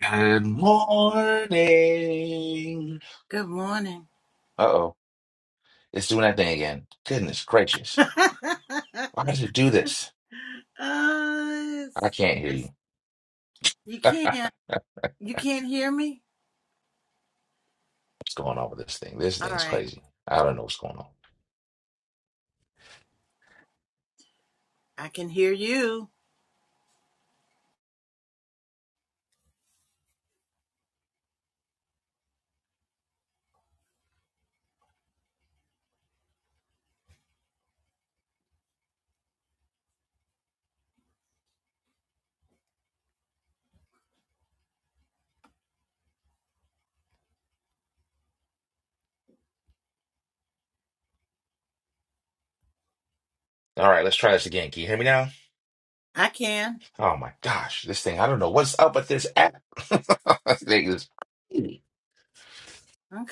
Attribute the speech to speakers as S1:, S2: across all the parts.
S1: Good morning.
S2: Good morning.
S1: Uh oh, it's doing that thing again. Goodness gracious.
S2: uh,
S1: Why does it do this? I
S2: it's
S1: can't hear you.
S2: just, you
S1: What's
S2: can't. You can't hear me?
S1: going on with this thing? This
S2: All
S1: thing's
S2: right.
S1: crazy. I don't know what's going on.
S2: I can hear you.
S1: All right, let's try this again. Can you hear me now?
S2: I can.
S1: Oh my gosh, this thing, I don't know what's up with this app. This thing is crazy.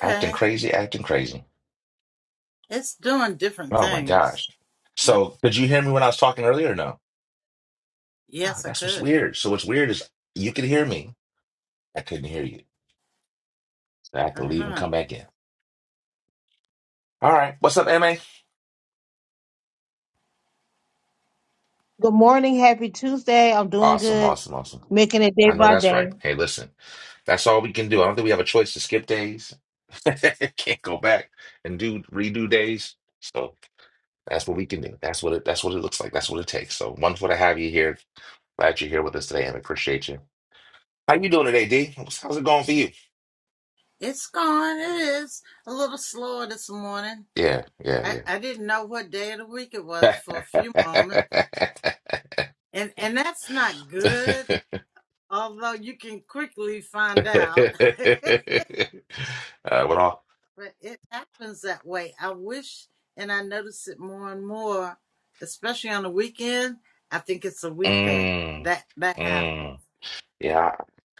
S1: acting crazy, acting crazy.
S2: It's doing different
S1: Oh my
S2: things.
S1: gosh.
S2: No.
S1: So, could you hear me when I was talking earlier or no? Oh,
S2: Yes, I
S1: that's what's
S2: could.
S1: weird. So, what's weird is you could hear me. I couldn't hear you. So I have to
S2: Uh
S1: leave and
S2: huh.
S1: come back in. All right. What's up, MA?
S3: Good morning. Happy Tuesday. I'm doing
S1: Awesome,
S3: good,
S1: awesome, awesome.
S3: making it
S1: I
S3: day
S1: know
S3: by
S1: that's right.
S3: day.
S1: Hey, listen, that's all we can do. I don't think we have a choice to skip days. Can't go back and do redo days. So that's what we can do. That's what it that's what it looks like. That's what it takes. So wonderful to have you here. Glad you're here with us today, and appreciate you. How you doing today, D? How's how's it going for you?
S2: It's gone. It is a little slower this morning.
S1: Yeah,
S2: I,
S1: yeah,
S2: I didn't know what day of the week it was
S1: yeah.
S2: for a few moments, and and that's not good. Although you can quickly find out.
S1: uh, what all?
S2: But it happens that way. I wish, and I notice it more and more, especially on the weekend. I think it's a weekday
S1: Mm,
S2: that that happens.
S1: mm, yeah.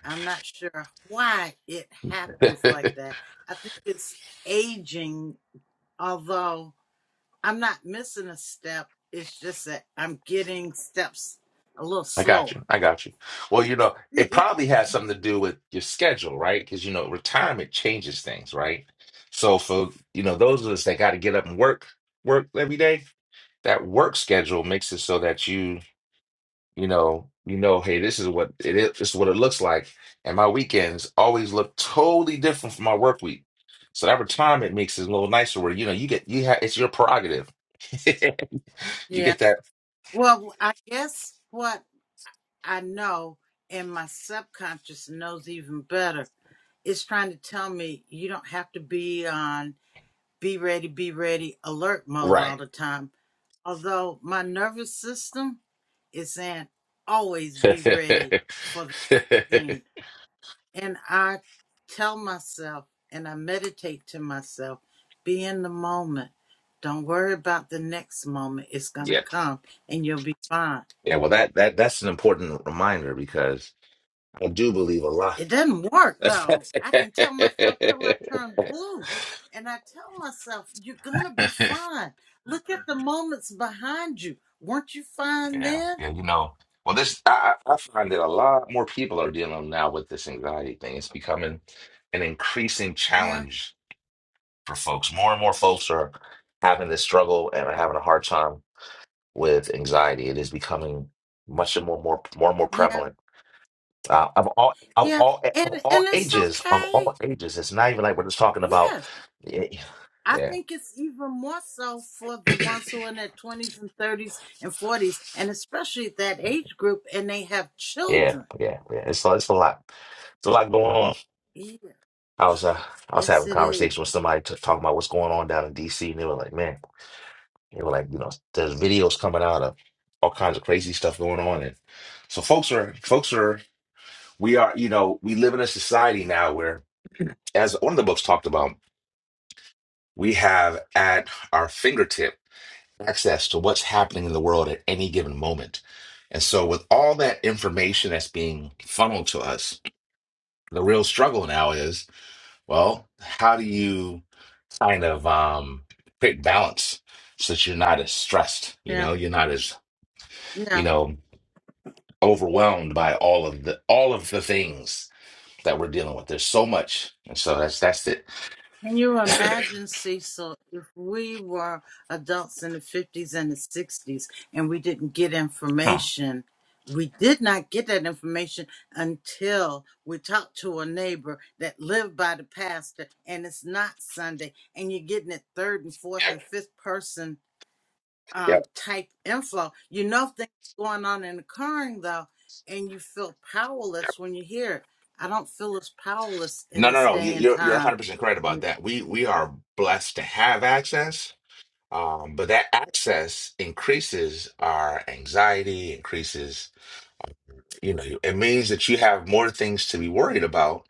S2: I'm not sure why it happens like that. I think it's aging, although I'm not missing a step. It's just that I'm getting steps a little
S1: I got
S2: slower.
S1: you. I got you. Well, you know, it probably has something to do with your schedule, right? Because, you know, retirement changes things, right? So for, you know, those of us that got to get up and work, work every day, that work schedule makes it so that you, you know, you know, hey, this is what it is, this is what it looks like. And my weekends always look totally different from my work week. So that retirement makes it a little nicer where, you know, you get, you have, it's your prerogative. You
S2: yeah.
S1: get that
S2: Well, I guess what I know, and my subconscious knows even better. It's trying to tell me you don't have to be on be ready, be ready, alert mode all
S1: right.
S2: the time. Although my nervous system is saying always be ready for the thing. And I tell myself and I meditate to myself be in the moment. Don't worry about the next moment. It's going
S1: Yeah.
S2: to come and you'll be fine.
S1: Yeah, well, that that that's an important reminder because I do believe a lot.
S2: It doesn't work though. I can tell myself till I turn blue. And I tell myself, you're going to be fine. Look at the moments behind you. Weren't you fine
S1: Yeah,
S2: then?
S1: yeah, you know. Well, this I, I I find that a lot more people are dealing now with this anxiety thing. It's becoming an increasing
S2: Yeah,
S1: challenge for folks. More and more folks are having this struggle and are having a hard time with anxiety. It is becoming much and more more more and more
S2: yeah,
S1: prevalent. Uh, of all of
S2: yeah.
S1: all
S2: And,
S1: of
S2: and
S1: all
S2: it's
S1: ages of
S2: okay.
S1: all ages it's not even like we're just talking about
S2: Yes.
S1: yeah
S2: I
S1: yeah
S2: think it's even more so for the ones who are in their 20s and 30s and 40s, and especially that age group, and they have
S1: yeah
S2: children.
S1: yeah, yeah. it's a- it's a lot it's a lot going on
S2: Yeah.
S1: i was uh i was
S2: Yes,
S1: having a
S2: it is.
S1: conversation with somebody t- talking about what's going on down in dc and they were like man they were like you know there's videos coming out of all kinds of crazy stuff going on and so folks are folks are we are you know we live in a society now where as one of the books talked about we have at our fingertips access to what's happening in the world at any given moment. And so, with all that information that's being funneled to us, the real struggle now is well, how do you kind of um, create balance so that you're not as stressed? You
S2: Yeah.
S1: know, you're not as,
S2: Yeah.
S1: you know, overwhelmed by all of the all of the things that we're dealing with. There's so much, and so that's that's it.
S2: Can you imagine, Cecil, if we were adults in the 50s and the 60s and we didn't get information? We did not get that information until we talked to a neighbor that lived by the pastor and it's not Sunday and you're getting it third and fourth
S1: Yep,
S2: and fifth person um,
S1: yep,
S2: type info. You know things going on and occurring though, and you feel
S1: yep.
S2: powerless when you hear it. I don't feel as powerless in
S1: No, no,
S2: this
S1: no. You,
S2: day and
S1: you're you're 100
S2: time
S1: percent correct about that. We we are blessed to have access Um, but that access increases our anxiety, increases, you know, it means that you have more things to be worried about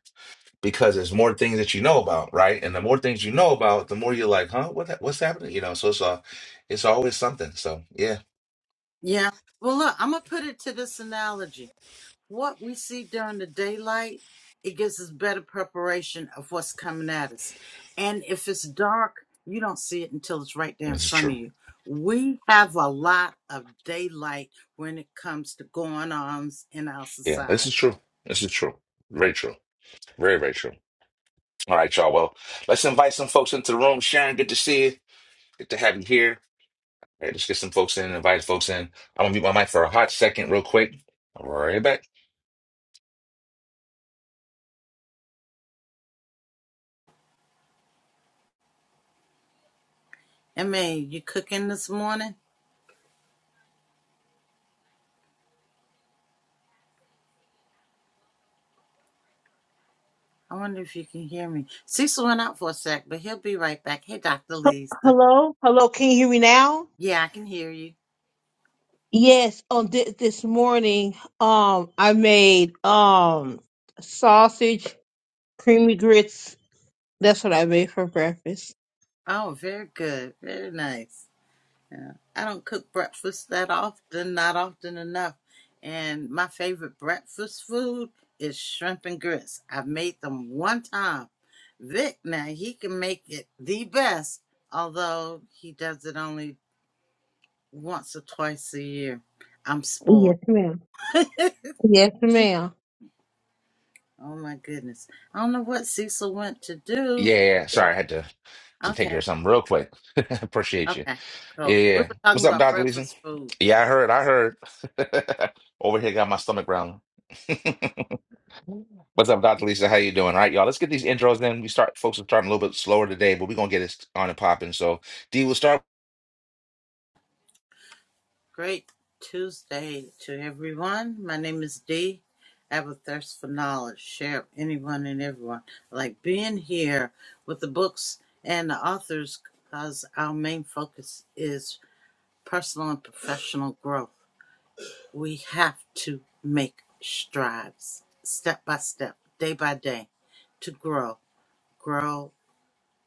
S1: because there's more things that you know about, right? And the more things you know about, the more you're like, huh, what that, what's happening? You know, so it's uh, it's always something. So yeah,
S2: Yeah. Well, look, I'm going to put it to this analogy. What we see during the daylight, it gives us better preparation of what's coming at us. And if it's dark, you don't see it until it's right there in
S1: this is
S2: front
S1: true.
S2: of you. We have a lot of daylight when it comes to going ons in our
S1: Yeah, this is
S2: society.
S1: true. This is true. Very true. Very, very true. All right, y'all. Well, let's invite some folks into the room. Sharon, good to see you. Good to have you here. All right, let's get some folks in, invite folks in. I'm gonna mute my mic for a hot second, real quick. All right, back.
S2: I mean, you cooking this morning? I wonder if you can hear me. Cecil went out for a sec, but he'll be right back. Hey, Dr.
S3: H-
S2: Lisa.
S3: Hello? Hello. Can you hear me now?
S2: Yeah, I can hear you.
S3: Yes. On thi- this morning, um, I made um sausage, creamy grits. That's what I made for breakfast.
S2: Oh, very good. Very nice. I don't cook breakfast that often, not often enough. And my favorite breakfast food is shrimp and grits. I've made them one time. Vic, now he can make it the best, although he does it only once or twice a year. I'm spoiled.
S3: Yes, ma'am. Yes, ma'am.
S2: Oh my goodness. I don't know what Cecil went to do.
S1: Yeah, yeah, yeah. sorry, I had to to take care of
S2: Okay.
S1: something real quick. Appreciate you.
S2: Okay.
S1: Yeah,
S2: Cool.
S1: yeah.
S2: We
S1: yeah.
S2: were talking
S1: What's up,
S2: about
S1: Dr. Leeson?
S2: breakfast food.
S1: Yeah, I heard, I heard. Over here, got my stomach growling. What's up, Dr. Lisa? How you doing? All right, y'all. Let's get these intros Then We start, folks are starting a little bit slower today, but we're gonna get it on and popping. So, D, we'll start.
S2: Great Tuesday to everyone. My name is Dee. I have a thirst for knowledge. Share with anyone and everyone. I like being here with the books and the authors because our main focus is personal and professional growth. We have to make strides step by step, day by day, to grow, grow,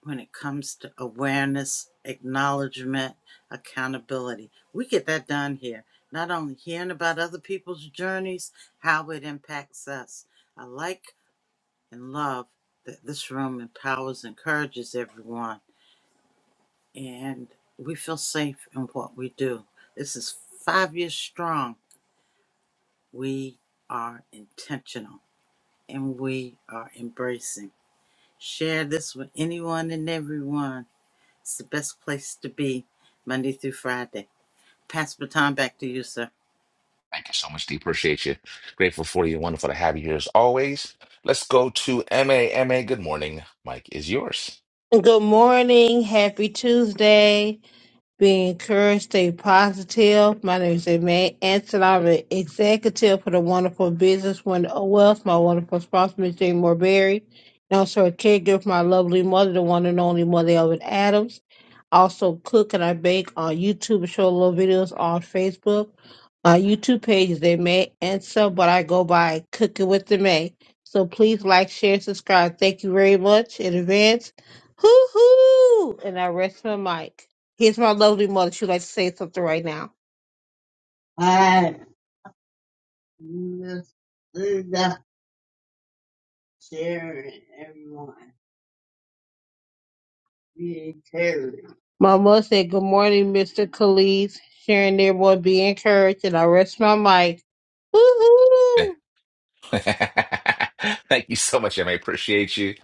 S2: when it comes to awareness, acknowledgement, accountability. We get that done here, not only hearing about other people's journeys, how it impacts us. I like and love that this room empowers, encourages everyone, and we feel safe in what we do. This is five years strong. We are intentional and we are embracing. Share this with anyone and everyone It's the best place to be Monday through Friday. Pass the baton back to you, sir.
S1: Thank you so much, D. Appreciate you. Grateful for you. Wonderful to have you here as always. Let's go to M A M A. good morning. Mike is yours.
S3: Good morning. Happy Tuesday. Be encouraged, stay positive. My name is Aimee Anson. I'm an executive for the wonderful business Wonderful Wealth. My wonderful sponsor, Ms. Jane Morberry. And also a caregiver for my lovely mother, the one and only mother Elvin Adams. Also cook and I bake on YouTube and show little videos on Facebook. My YouTube page is Aimee Anson, but I go by Cooking with the May. So please like, share, and subscribe. Thank you very much in advance. Hoo hoo! And I rest my mic. Here's my lovely mother. She would like to say something right now. I miss Linda, Sharon, everyone. Be encouraged. My mother said, Good morning, Mr. Khalees. Sharon, everyone, be encouraged. And I rest my mic.
S1: Yeah.
S3: Woo-hoo!
S1: Thank you so much, MA. Appreciate you.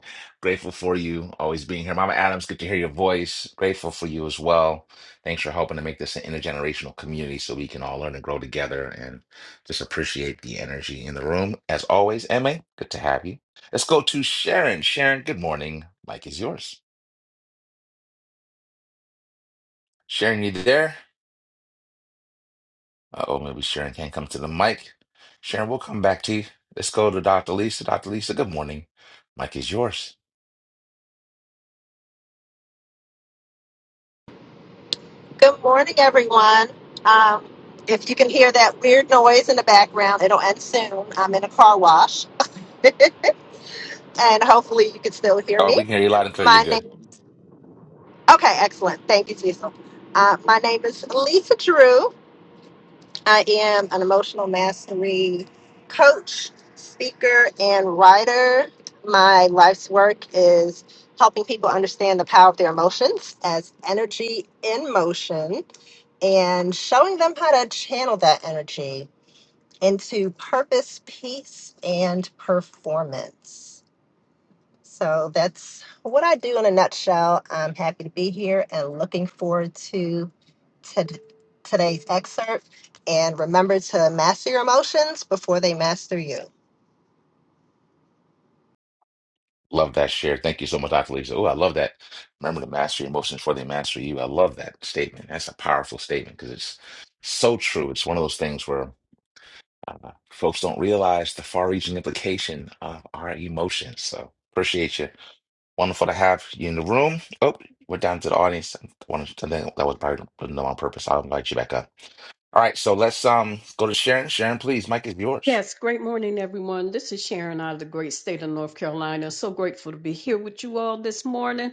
S1: Grateful for you always being here. Mama Adams, good to hear your voice. Grateful for you as well. Thanks for helping to make this an intergenerational community so we can all learn and grow together and just appreciate the energy in the room. As always, MA, good to have you. Let's go to Sharon. Sharon, good morning. Mike is yours. Sharon, you there? Uh-oh, maybe Sharon can't come to the mic. Sharon, we'll come back to you. Let's go to Dr. Lisa. Dr. Lisa, good morning. Mic is yours.
S4: Good morning, everyone. Um, if you can hear that weird noise in the background, it'll end soon. I'm in a car wash, and hopefully, you can still hear
S1: Oh,
S4: me.
S1: we can hear you loud and clear. You're
S4: My
S1: good.
S4: name, okay, excellent. Thank you, Cecil. Uh, my name is Lisa Drew. I am an emotional mastery coach, speaker, and writer. My life's work is helping people understand the power of their emotions as energy in motion and showing them how to channel that energy into purpose, peace, and performance. So that's what I do in a nutshell. I'm happy to be here and looking forward to, to today's excerpt. And remember to master your emotions before they master you.
S1: Love that share. Thank you so much, Dr. Lisa. Oh, I love that. Remember to master your emotions before they master you. I love that statement. That's a powerful statement because it's so true. It's one of those things where uh, folks don't realize the far-reaching implication of our emotions. So appreciate you. Wonderful to have you in the room. Oh, we're down to the audience. I wanted to, I think that was probably no on purpose. I'll invite you back up. All right, so let's um go to Sharon. Sharon, please, Mike is yours.
S5: Yes, great morning, everyone. This is Sharon out of the great state of North Carolina. So grateful to be here with you all this morning.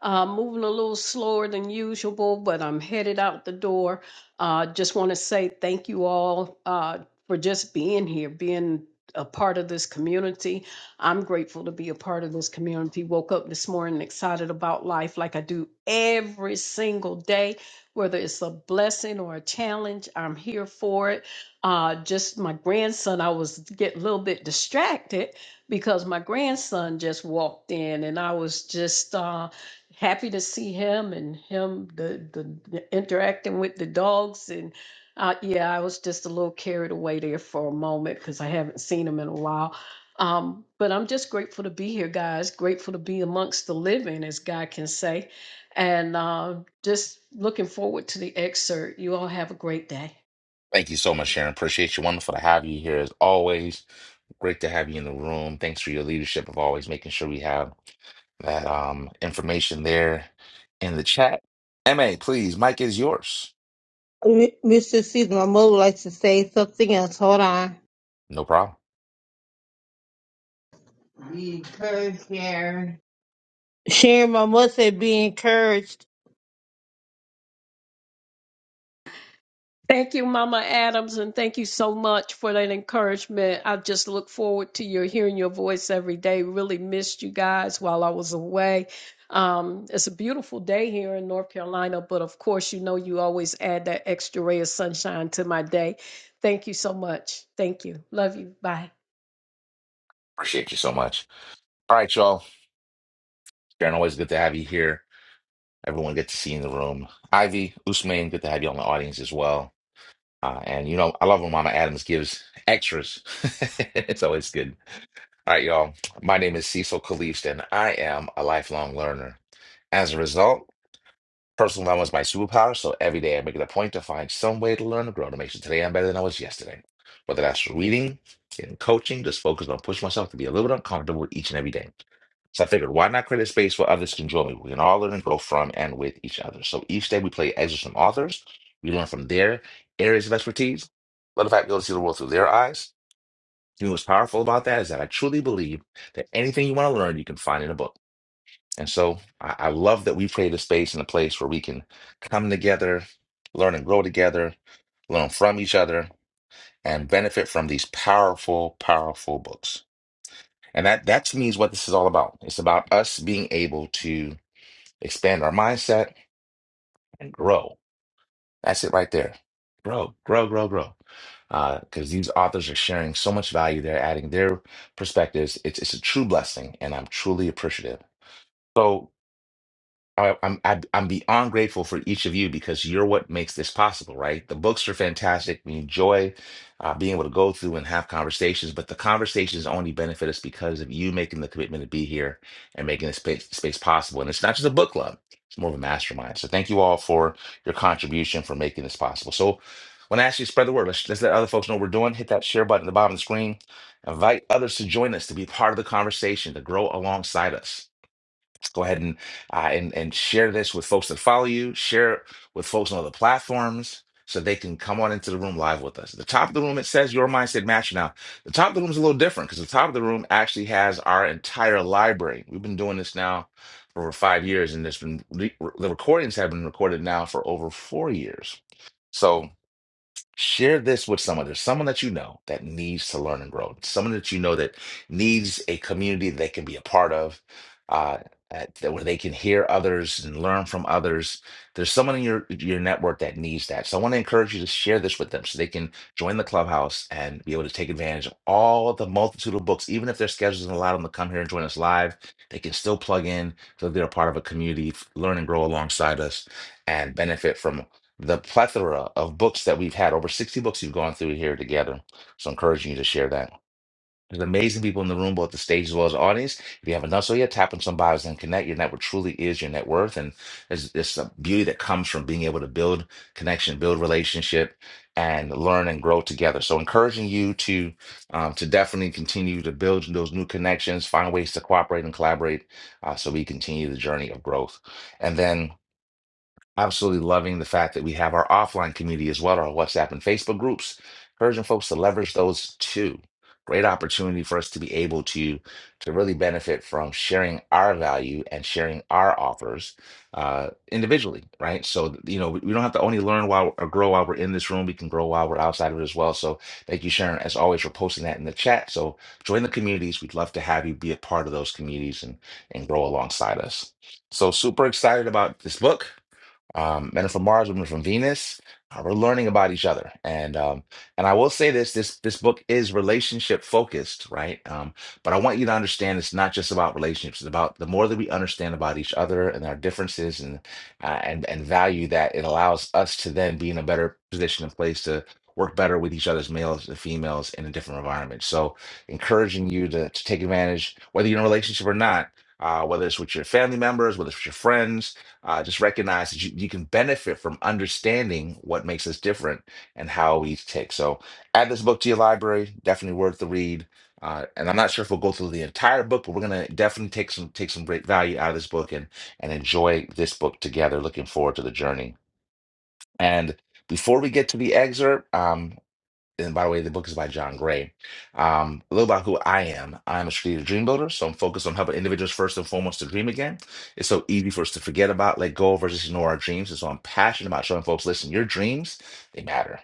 S5: Uh, moving a little slower than usual, but I'm headed out the door. Uh, just want to say thank you all uh, for just being here, being a part of this community. I'm grateful to be a part of this community. Woke up this morning excited about life like I do every single day, whether it's a blessing or a challenge, I'm here for it. Uh, just my grandson, I was getting a little bit distracted because my grandson just walked in and I was just uh, happy to see him and him the, the, the interacting with the dogs and uh, yeah i was just a little carried away there for a moment because i haven't seen him in a while um, but i'm just grateful to be here guys grateful to be amongst the living as god can say and uh, just looking forward to the excerpt you all have a great day
S1: Thank you so much, Sharon. Appreciate you. Wonderful to have you here as always. Great to have you in the room. Thanks for your leadership of always making sure we have that um information there in the chat. MA, please, Mike is yours.
S3: M- Mr. Caesar, my mother likes to say something else. Hold on.
S1: No problem.
S3: Be encouraged, Sharon. Sharon, my mother said, Be encouraged.
S5: Thank you, Mama Adams, and thank you so much for that encouragement. I just look forward to your hearing your voice every day. Really missed you guys while I was away. Um, it's a beautiful day here in North Carolina, but of course, you know you always add that extra ray of sunshine to my day. Thank you so much. Thank you. Love you. Bye.
S1: Appreciate you so much. All right, y'all. Sharon, always good to have you here. Everyone good to see you in the room. Ivy, Usman, good to have you on the audience as well. Uh, and you know, I love when Mama Adams gives extras. it's always good All right, y'all. My name is Cecil Kalist, and I am a lifelong learner. As a result, personal development is my superpower, so every day I make it a point to find some way to learn and grow to make sure today I'm better than I was yesterday. Whether that's reading, getting coaching, just focus on pushing myself to be a little bit uncomfortable each and every day. So I figured, why not create a space where others can join me? We can all learn and grow from and with each other. So each day we play excerpts from authors. We learn from their areas of expertise. Let the fact be able to see the world through their eyes. You know what's powerful about that is that I truly believe that anything you want to learn, you can find in a book. And so I, I love that we create a space and a place where we can come together, learn and grow together, learn from each other, and benefit from these powerful, powerful books. And that that to me is what this is all about. It's about us being able to expand our mindset and grow That's it right there. Grow, grow, grow, grow. Because these authors are sharing so much value. They're adding their perspectives. It's it's a true blessing, and I'm truly appreciative. So. I, I'm I'd- I'm beyond grateful for each of you because you're what makes this possible, right? The books are fantastic. We enjoy uh, being able to go through and have conversations, but the conversations only benefit us because of you making the commitment to be here and making this space, space possible. And it's not just a book club; it's more of a mastermind. So thank you all for your contribution for making this possible. So when I ask you to spread the word, let's, let's let other folks know what we're doing. Hit that share button at the bottom of the screen. Invite others to join us to be part of the conversation to grow alongside us go ahead and uh, and and share this with folks that follow you. Share it with folks on other platforms so they can come on into the room live with us. At the top of the room it says your mindset match. Now the top of the room is a little different because the top of the room actually has our entire library. We've been doing this now for over five years, and there's been re- the recordings have been recorded now for over four years. So Share this with someone. There's someone that you know that needs to learn and grow. Someone that you know that needs a community that they can be a part of, uh, at, that where they can hear others and learn from others. There's someone in your your network that needs that. So I want to encourage you to share this with them so they can join the clubhouse and be able to take advantage of all the multitude of books. Even if their schedule doesn't allow them to come here and join us live, they can still plug in so they're a part of a community, f- learn and grow alongside us, and benefit from the plethora of books that we've had, over 60 books you've gone through here together. So encouraging you to share that. There's amazing people in the room, both the stage as well as the audience. If you haven't done so yet, tap on some bios and connect. Your network truly is your net worth. And there's this beauty that comes from being able to build connection, build relationship, and learn and grow together. So encouraging you to um, to definitely continue to build those new connections, find ways to cooperate and collaborate uh, so we continue the journey of growth. And then absolutely loving the fact that we have our offline community as well, our WhatsApp and Facebook groups, encouraging folks to leverage those too. Great opportunity for us to be able to to really benefit from sharing our value and sharing our offers uh, individually, right? So you know we we don't have to only learn while or grow while we're in this room. We can grow while we're outside of it as well. So thank you, Sharon, as always, for posting that in the chat. So join the communities. We'd love to have you be a part of those communities and and grow alongside us. So super excited about this book um, men are from Mars, women are from Venus. Uh, we're learning about each other, and um, and I will say this: this this book is relationship focused, right? Um, but I want you to understand it's not just about relationships. It's about the more that we understand about each other and our differences, and uh, and and value that it allows us to then be in a better position and place to work better with each other's males and females in a different environment. So, encouraging you to to take advantage, whether you're in a relationship or not. Uh, whether it's with your family members, whether it's with your friends, uh, just recognize that you, you can benefit from understanding what makes us different and how we each tick. So, add this book to your library. Definitely worth the read. Uh, and I'm not sure if we'll go through the entire book, but we're gonna definitely take some take some great value out of this book and and enjoy this book together. Looking forward to the journey. And before we get to the excerpt, um, and by the way, the book is by John Gray. Um, a little about who I am. I'm a strategic dream builder, so I'm focused on helping individuals first and foremost to dream again. It's so easy for us to forget about, let go of, or just ignore our dreams. And so I'm passionate about showing folks, listen, your dreams, they matter.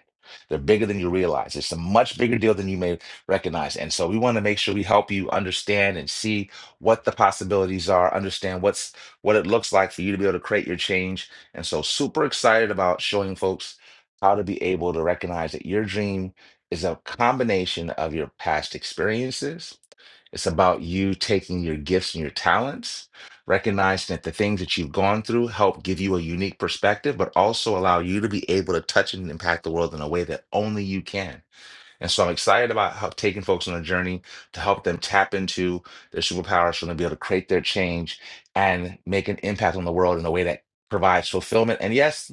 S1: They're bigger than you realize. It's a much bigger deal than you may recognize. And so we want to make sure we help you understand and see what the possibilities are, understand what's what it looks like for you to be able to create your change. And so super excited about showing folks how to be able to recognize that your dream is a combination of your past experiences. It's about you taking your gifts and your talents, recognizing that the things that you've gone through help give you a unique perspective, but also allow you to be able to touch and impact the world in a way that only you can. And so I'm excited about how, taking folks on a journey to help them tap into their superpowers so they'll be able to create their change and make an impact on the world in a way that provides fulfillment. And yes,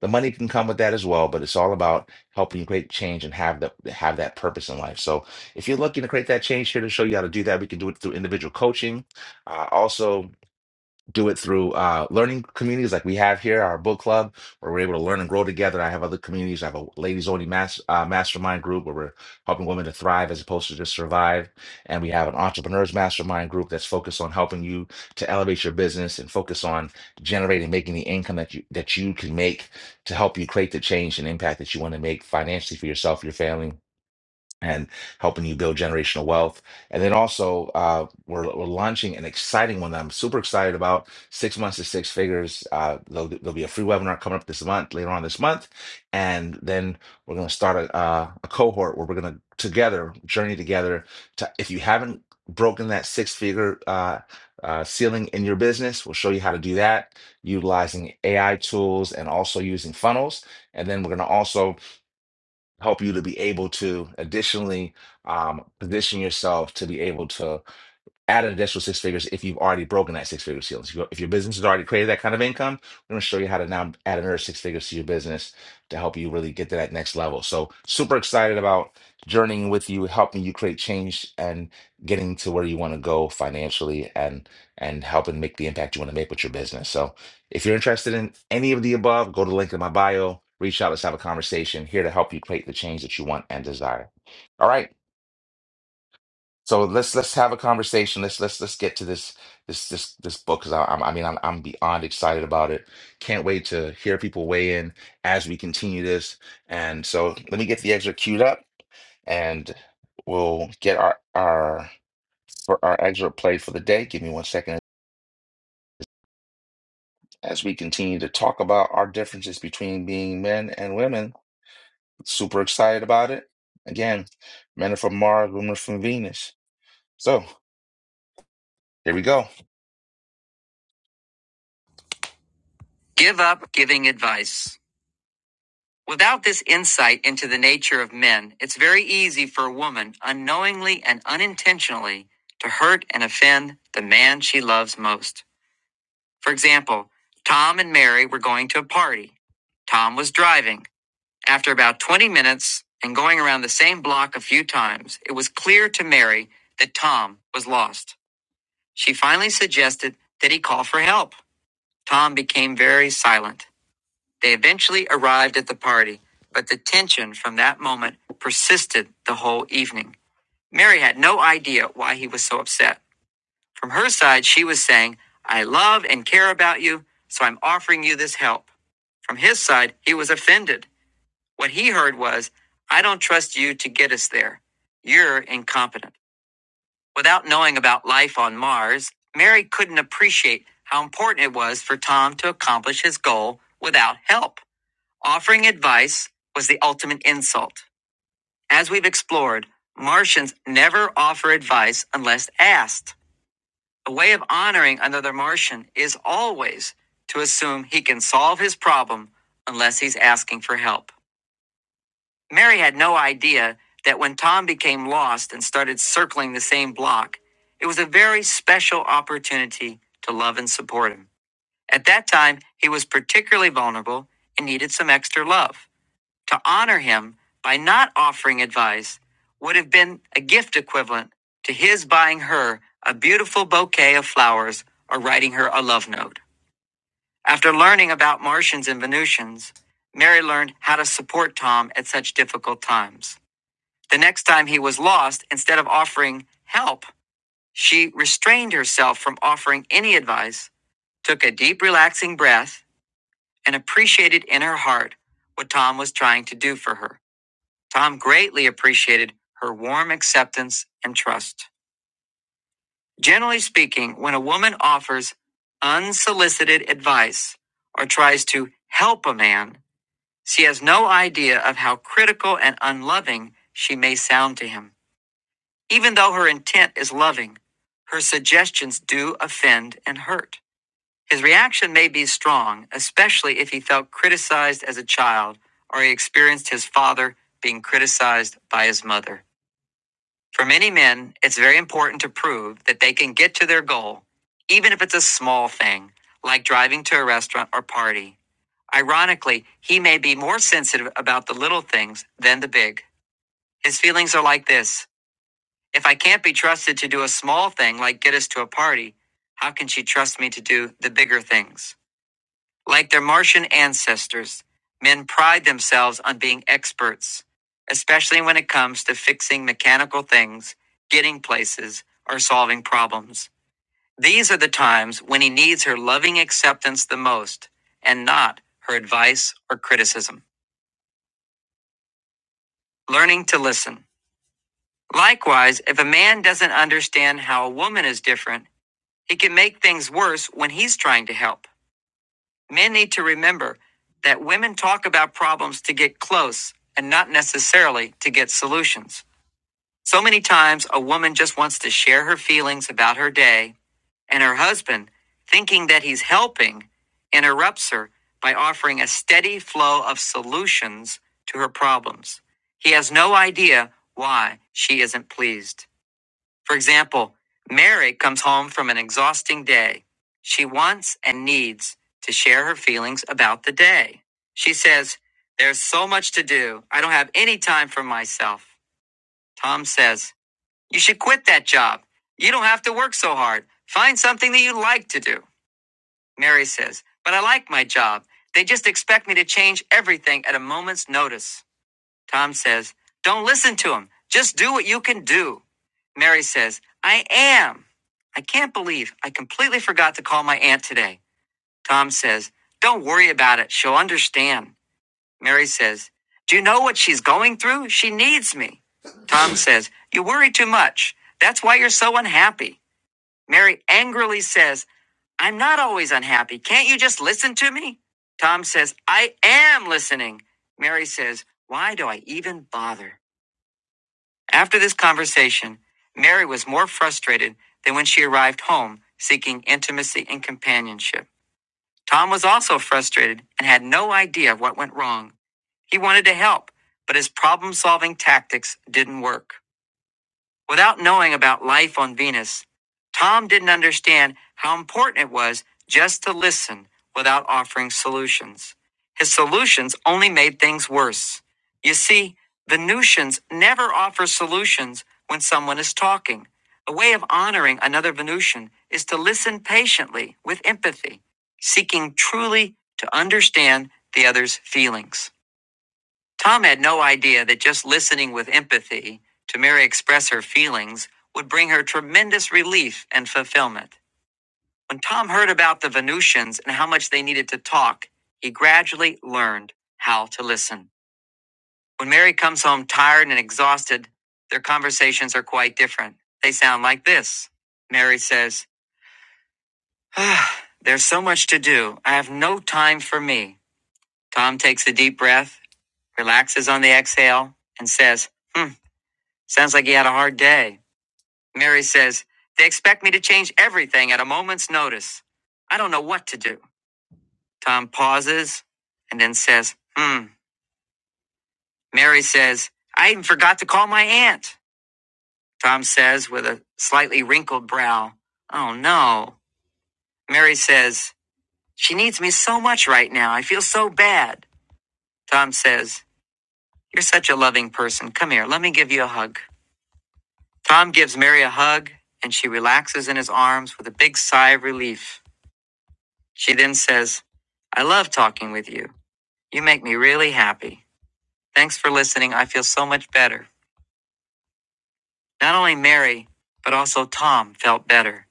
S1: the money can come with that as well, but it's all about helping you create change and have that have that purpose in life. So if you're looking to create that change here to show you how to do that, we can do it through individual coaching. Uh, also do it through uh, learning communities like we have here, our book club, where we're able to learn and grow together. I have other communities. I have a ladies only mas- uh, mastermind group where we're helping women to thrive as opposed to just survive. And we have an entrepreneurs mastermind group that's focused on helping you to elevate your business and focus on generating, making the income that you that you can make to help you create the change and impact that you want to make financially for yourself, your family, and helping you build generational wealth. And then also, uh, we're, we're launching an exciting one that I'm super excited about. Six months to six figures. Uh, there'll, there'll be a free webinar coming up this month, later on this month, and then we're going to start a, uh, a cohort where we're going to together journey together. To if you haven't broken that six figure uh, uh, ceiling in your business, we'll show you how to do that utilizing AI tools and also using funnels. And then we're going to also help you to be able to additionally um, position yourself to be able to add an additional six figures if you've already broken that six figure ceiling. So if your if your business has already created that kind of income, we're going to show you how to now add another six figures to your business to help you really get to that next level. So super excited about journeying with you, helping you create change and getting to where you want to go financially and and helping make the impact you want to make with your business. So if you're interested in any of the above, go to the link in my bio, reach out, let's have a conversation here to help you create the change that you want and desire. All right. So let's let's have a conversation. Let's let's let's get to this this this this book because I'm I mean I'm I'm beyond excited about it. Can't wait to hear people weigh in as we continue this. And so let me get the excerpt queued up, and we'll get our our for our excerpt played for the day. Give me one second as we continue to talk about our differences between being men and women. Super excited about it. Again, men are from Mars, women are from Venus. So here we go. Give up giving advice. Without this insight into the nature of men, it's very easy for a woman, unknowingly and unintentionally, to hurt and offend the man she loves most. For example, Tom and Mary were going to a party. Tom was driving. After about 20 minutes and going around the same block a few times, it was clear to Mary that Tom was lost. She finally suggested that he call for help. Tom became very silent. They eventually arrived at the party, but the tension from that moment persisted the whole evening. Mary had no idea why he was so upset. From her side, she was saying, I love and care about you, so I'm offering you this help. From his side, he was offended. What he heard was, I don't trust you to get us there. You're incompetent. Without knowing about life on Mars, Mary couldn't appreciate how important it was for Tom to accomplish his goal without help. Offering advice was the ultimate insult. As we've explored, Martians never offer advice unless asked. A way of honoring another Martian is always to assume he can solve his problem unless he's asking for help. Mary had no idea that when Tom became lost and started circling the same block, it was a very special opportunity to love and support him. At that time, he was particularly vulnerable and needed some extra love. To honor him by not offering advice would have been a gift equivalent to his buying her a beautiful bouquet of flowers or writing her a love note. After learning about Martians and Venusians, Mary learned how to support Tom at such difficult times. The next time he was lost, instead of offering help, she restrained herself from offering any advice, took a deep, relaxing breath, and appreciated in her heart what Tom was trying to do for her. Tom greatly appreciated her warm acceptance and trust. Generally speaking, when a woman offers unsolicited advice or tries to help a man, she has no idea of how critical and unloving she may sound to him. Even though her intent is loving, her suggestions do offend and hurt. His reaction may be strong, especially if he felt criticized as a child or he experienced his father being criticized by his mother. For many men, it's very important to prove that they can get to their goal, even if it's a small thing, like driving to a restaurant or party. Ironically, he may be more sensitive about the little things than the big. His feelings are like this If I can't be trusted to do a small thing like get us to a party, how can she trust me to do the bigger things? Like their Martian ancestors, men pride themselves on being experts, especially when it comes to fixing mechanical things, getting places, or solving problems. These are the times when he needs her loving acceptance the most, and not her advice or criticism. Learning to listen. Likewise, if a man doesn't understand how a woman is different, he can make things worse when he's trying to help. Men need to remember that women talk about problems to get close and not necessarily to get solutions. So many times, a woman just wants to share her feelings about her day, and her husband, thinking that he's helping, interrupts her by offering a steady flow of solutions to her problems. He has no idea why she isn't pleased. For example, Mary comes home from an exhausting day. She wants and needs to share her feelings about the day. She says, There's so much to do. I don't have any time for myself. Tom says, You should quit that job. You don't have to work so hard. Find something that you like to do. Mary says, But I like my job. They just expect me to change everything at a moment's notice. Tom says, Don't listen to him. Just do what you can do. Mary says, I am. I can't believe I completely forgot to call my aunt today. Tom says, Don't worry about it. She'll understand. Mary says, Do you know what she's going through? She needs me. Tom says, You worry too much. That's why you're so unhappy. Mary angrily says, I'm not always unhappy. Can't you just listen to me? Tom says, I am listening. Mary says, Why do I even bother? After this conversation, Mary was more frustrated than when she arrived home seeking intimacy and companionship. Tom was also frustrated and had no idea what went wrong. He wanted to help, but his problem solving tactics didn't work. Without knowing about life on Venus, Tom didn't understand how important it was just to listen without offering solutions. His solutions only made things worse. You see, Venusians never offer solutions when someone is talking. A way of honoring another Venusian is to listen patiently with empathy, seeking truly to understand the other's feelings. Tom had no idea that just listening with empathy to Mary express her feelings would bring her tremendous relief and fulfillment. When Tom heard about the Venusians and how much they needed to talk, he gradually learned how to listen. When Mary comes home tired and exhausted, their conversations are quite different. They sound like this Mary says, ah, There's so much to do. I have no time for me. Tom takes a deep breath, relaxes on the exhale, and says, Hmm. Sounds like he had a hard day. Mary says, They expect me to change everything at a moment's notice. I don't know what to do. Tom pauses and then says, Hmm. Mary says, I even forgot to call my aunt. Tom says, with a slightly wrinkled brow, Oh no. Mary says, She needs me so much right now. I feel so bad. Tom says, You're such a loving person. Come here. Let me give you a hug. Tom gives Mary a hug, and she relaxes in his arms with a big sigh of relief. She then says, I love talking with you. You make me really happy. Thanks for listening. I feel so much better. Not only Mary, but also Tom felt better.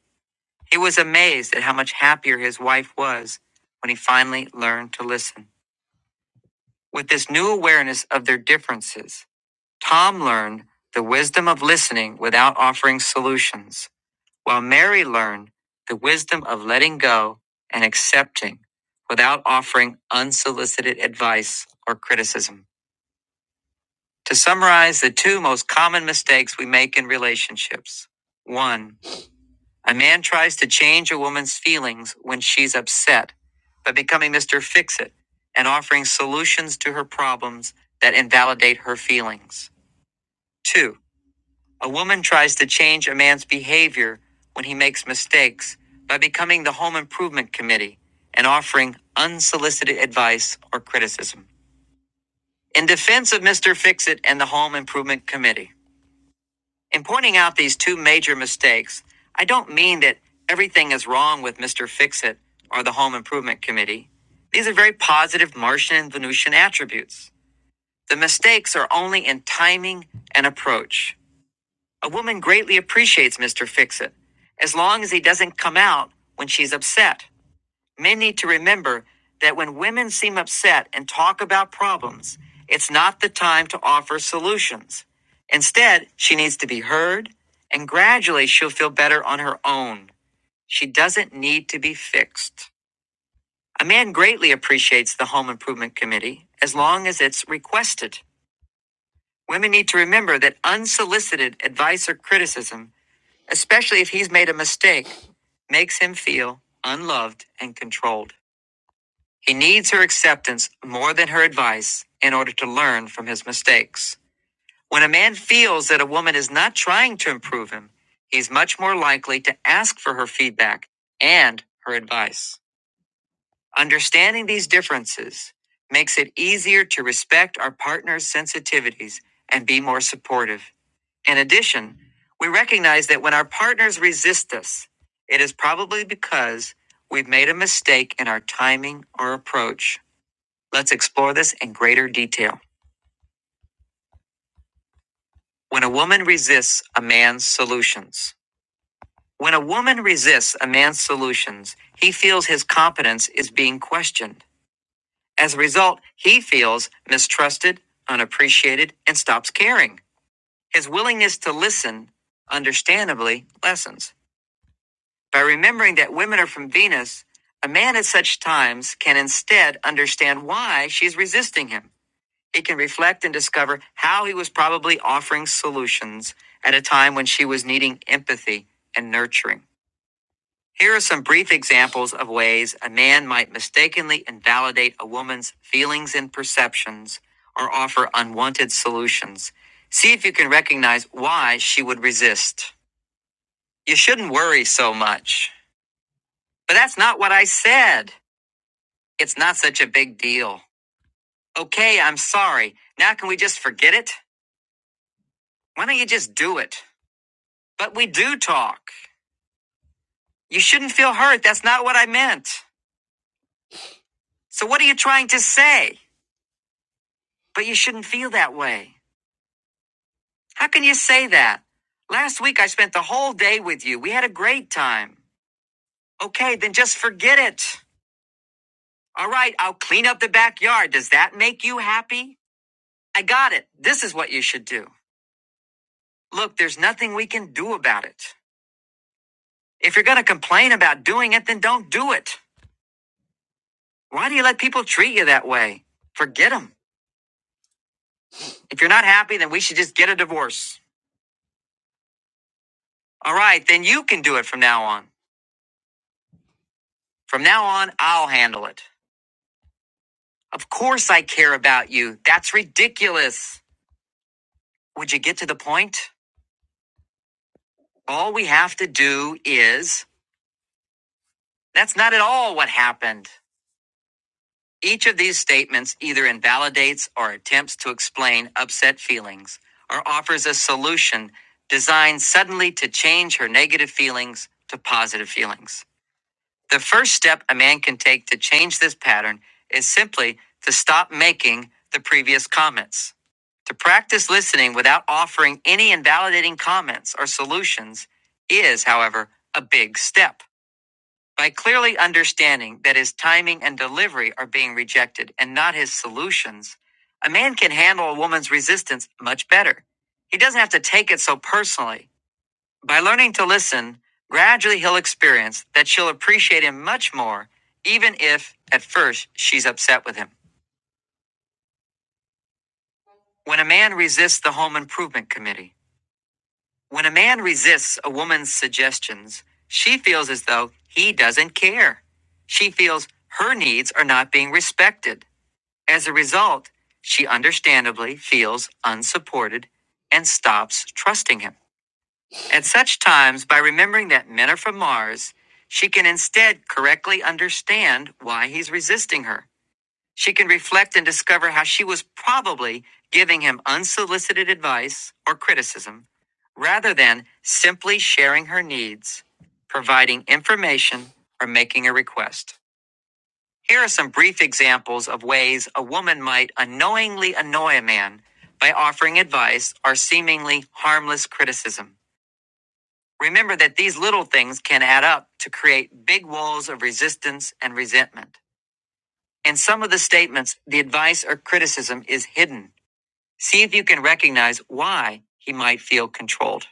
S1: He was amazed at how much happier his wife was when he finally learned to listen. With this new awareness of their differences, Tom learned the wisdom of listening without offering solutions. while Mary learned the wisdom of letting go and accepting without offering unsolicited advice or criticism. To summarize the two most common mistakes we make in relationships one, a man tries to change a woman's feelings when she's upset by becoming Mr. Fix It and offering solutions to her problems that invalidate her feelings. Two, A woman tries to change a man's behavior when he makes mistakes by becoming the home improvement committee and offering unsolicited advice or criticism. In defense of Mr. Fixit and the home improvement committee, in pointing out these two major mistakes, I don't mean that everything is wrong with Mr. Fixit or the home improvement committee. These are very positive Martian and Venusian attributes. The mistakes are only in timing and approach. A woman greatly appreciates Mr. Fix It, as long as he doesn't come out when she's upset. Men need to remember that when women seem upset and talk about problems, it's not the time to offer solutions. Instead, she needs to be heard, and gradually she'll feel better on her own. She doesn't need to be fixed. A man greatly appreciates the Home Improvement Committee as long as it's requested. Women need to remember that unsolicited advice or criticism especially if he's made a mistake, makes him feel unloved and controlled. He needs her acceptance more than her advice in order to learn from his mistakes. When a man feels that a woman is not trying to improve him, he's much more likely to ask for her feedback and her advice. Understanding these differences makes it easier to respect our partner's sensitivities and be more supportive. In addition, we recognize that when our partners resist us, it is probably because we've made a mistake in our timing or approach. Let's explore this in greater detail. When a woman resists a man's solutions, when a woman resists a man's solutions, he feels his competence is being questioned. As a result, he feels mistrusted, unappreciated, and stops caring. His willingness to listen, understandably, lessens. By remembering that women are from Venus, a man at such times can instead understand why she's resisting him. He can reflect and discover how he was probably offering solutions at a time when she was needing empathy and nurturing. Here are some brief examples of ways a man might mistakenly invalidate a woman's feelings and perceptions or offer unwanted solutions. See if you can recognize why she would resist. You shouldn't worry so much. But that's not what I said. It's not such a big deal. Okay, I'm sorry. Now can we just forget it? Why don't you just do it? But we do talk. You shouldn't feel hurt. That's not what I meant. So what are you trying to say? But you shouldn't feel that way. How can you say that? Last week I spent the whole day with you. We had a great time. Okay, then just forget it. All right, I'll clean up the backyard. Does that make you happy? I got it. This is what you should do. Look, there's nothing we can do about it. If you're going to complain about doing it, then don't do it. Why do you let people treat you that way? Forget them. If you're not happy, then we should just get a divorce. All right, then you can do it from now on. From now on, I'll handle it. Of course I care about you. That's ridiculous. Would you get to the point? All we have to do is. That's not at all what happened. Each of these statements either invalidates or attempts to explain upset feelings or offers a solution designed suddenly to change her negative feelings to positive feelings. The first step a man can take to change this pattern is simply to stop making the previous comments. To practice listening without offering any invalidating comments or solutions is, however, a big step. By clearly understanding that his timing and delivery are being rejected and not his solutions, a man can handle a woman's resistance much better. He doesn't have to take it so personally. By learning to listen, gradually he'll experience that she'll appreciate him much more, even if, at first, she's upset with him. When a man resists the home improvement committee, when a man resists a woman's suggestions, she feels as though he doesn't care. She feels her needs are not being respected. As a result, she understandably feels unsupported and stops trusting him. At such times, by remembering that men are from Mars, she can instead correctly understand why he's resisting her. She can reflect and discover how she was probably giving him unsolicited advice or criticism rather than simply sharing her needs, providing information, or making a request. Here are some brief examples of ways a woman might unknowingly annoy a man by offering advice or seemingly harmless criticism. Remember that these little things can add up to create big walls of resistance and resentment. In some of the statements, the advice or criticism is hidden. See if you can recognize why he might feel controlled.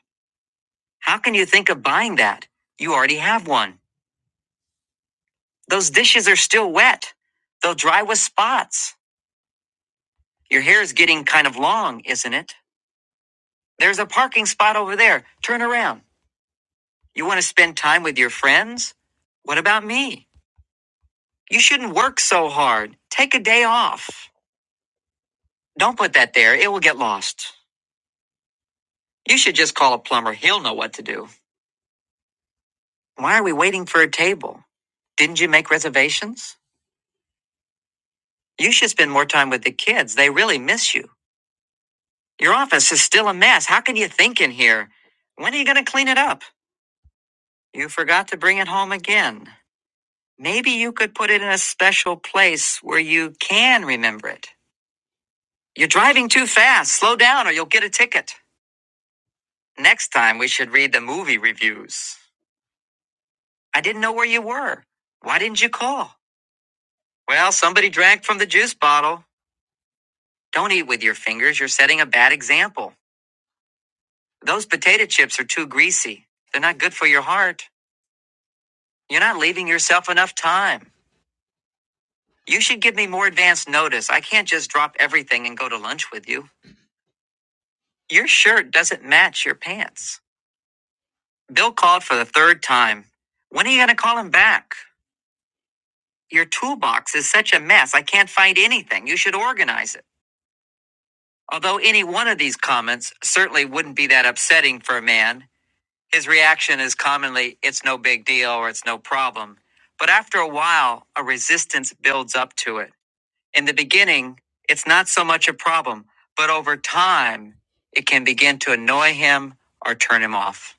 S1: How can you think of buying that? You already have one. Those dishes are still wet. They'll dry with spots. Your hair is getting kind of long, isn't it? There's a parking spot over there. Turn around. You want to spend time with your friends? What about me? You shouldn't work so hard. Take a day off. Don't put that there. It will get lost. You should just call a plumber. He'll know what to do. Why are we waiting for a table? Didn't you make reservations? You should spend more time with the kids. They really miss you. Your office is still a mess. How can you think in here? When are you going to clean it up? You forgot to bring it home again. Maybe you could put it in a special place where you can remember it. You're driving too fast. Slow down or you'll get a ticket. Next time we should read the movie reviews. I didn't know where you were. Why didn't you call? Well, somebody drank from the juice bottle. Don't eat with your fingers. You're setting a bad example. Those potato chips are too greasy. They're not good for your heart. You're not leaving yourself enough time. You should give me more advance notice. I can't just drop everything and go to lunch with you. Your shirt doesn't match your pants. Bill called for the third time. When are you going to call him back? Your toolbox is such a mess. I can't find anything. You should organize it. Although any one of these comments certainly wouldn't be that upsetting for a man, his reaction is commonly, it's no big deal or it's no problem. But after a while, a resistance builds up to it. In the beginning, it's not so much a problem, but over time, it can begin to annoy him or turn him off.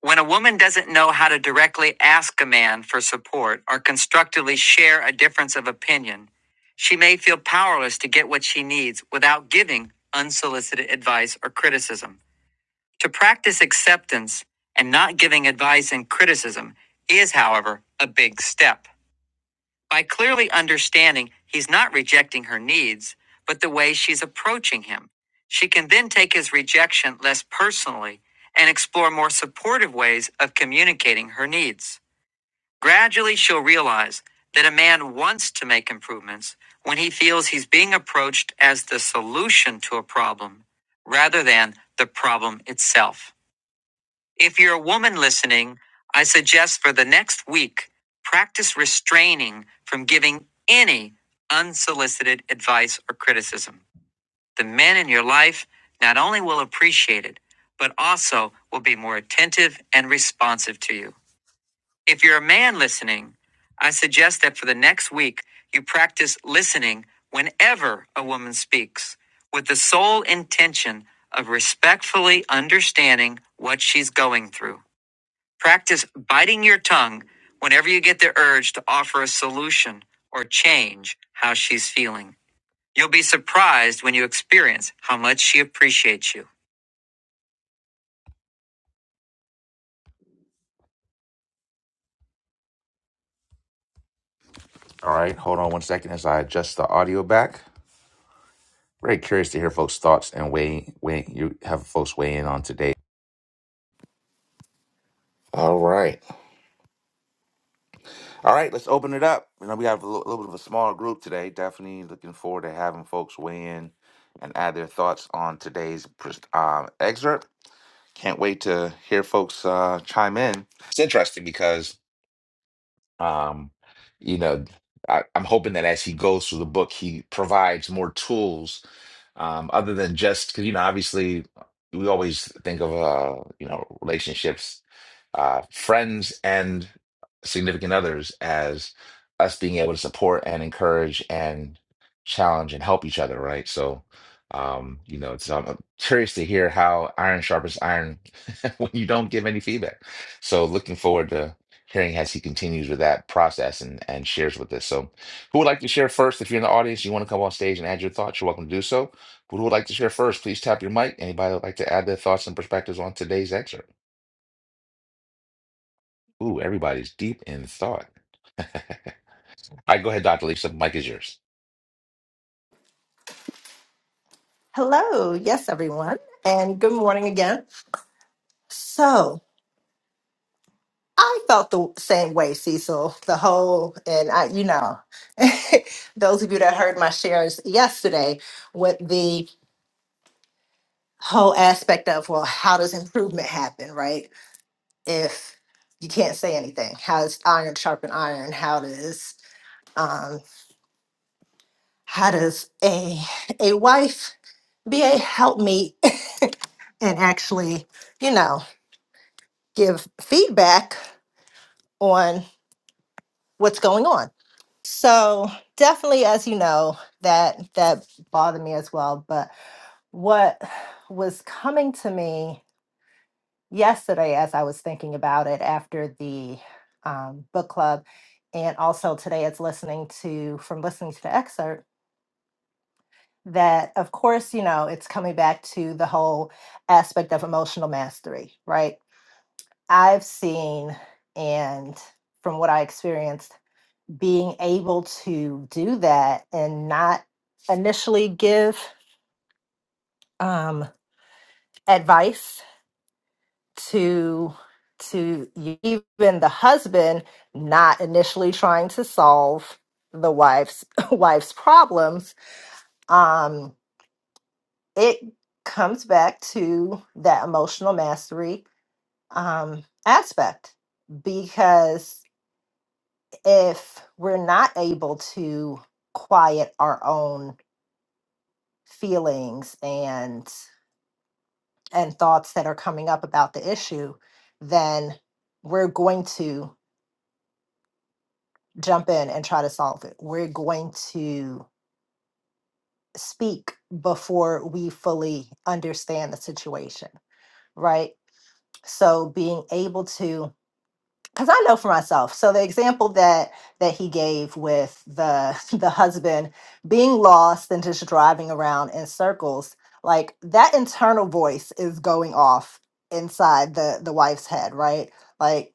S1: When a woman doesn't know how to directly ask a man for support or constructively share a difference of opinion, she may feel powerless to get what she needs without giving unsolicited advice or criticism. To practice acceptance and not giving advice and criticism is, however, a big step. By clearly understanding he's not rejecting her needs, but the way she's approaching him, she can then take his rejection less personally and explore more supportive ways of communicating her needs. Gradually, she'll realize that a man wants to make improvements when he feels he's being approached as the solution to a problem rather than the problem itself. If you're a woman listening, I suggest for the next week, practice restraining from giving any unsolicited advice or criticism. The men in your life not only will appreciate it, but also will be more attentive and responsive to you. If you're a man listening, I suggest that for the next week, you practice listening whenever a woman speaks with the sole intention of respectfully understanding what she's going through. Practice biting your tongue whenever you get the urge to offer a solution or change how she's feeling. You'll be surprised when you experience how much she appreciates you. All right, hold on one second as I adjust the audio back. Very curious to hear folks' thoughts and weigh, weigh you have folks weigh in on today. All right, all right, let's open it up. You know, we have a little, little bit of a smaller group today. Definitely looking forward to having folks weigh in and add their thoughts on today's pres- um, excerpt. Can't wait to hear folks uh, chime in. It's interesting because, um, you know, I, I'm hoping that as he goes through the book, he provides more tools um, other than just because you know obviously we always think of uh, you know relationships uh, friends and significant others as us being able to support and encourage and challenge and help each other right so um, you know it's I'm curious to hear how iron sharpens iron when you don't give any feedback so looking forward to hearing as he continues with that process and, and shares with us so who would like to share first if you're in the audience you want to come on stage and add your thoughts you're welcome to do so who would like to share first? Please tap your mic. Anybody would like to add their thoughts and perspectives on today's excerpt? Ooh, everybody's deep in thought. All right, go ahead, Dr. Lisa. The mic is yours.
S4: Hello, yes, everyone, and good morning again. So I felt the same way, Cecil. The whole, and I, you know, those of you that heard my shares yesterday with the whole aspect of, well, how does improvement happen, right? if you can't say anything? How does iron sharpen iron? How does um, how does a a wife be a helpmeet and actually, you know, give feedback on what's going on? So definitely, as you know, that that bothered me as well. But what was coming to me yesterday as I was thinking about it after the um, book club, and also today as listening to from listening to the excerpt that of course you know it's coming back to the whole aspect of emotional mastery, right? I've seen and from what I experienced, being able to do that and not initially give um, advice to to even the husband not initially trying to solve the wife's wife's problems um it comes back to that emotional mastery um aspect because if we're not able to quiet our own feelings and and thoughts that are coming up about the issue then we're going to jump in and try to solve it. We're going to speak before we fully understand the situation, right? So being able to because I know for myself. So the example that that he gave with the the husband being lost and just driving around in circles, like that internal voice is going off inside the the wife's head, right? Like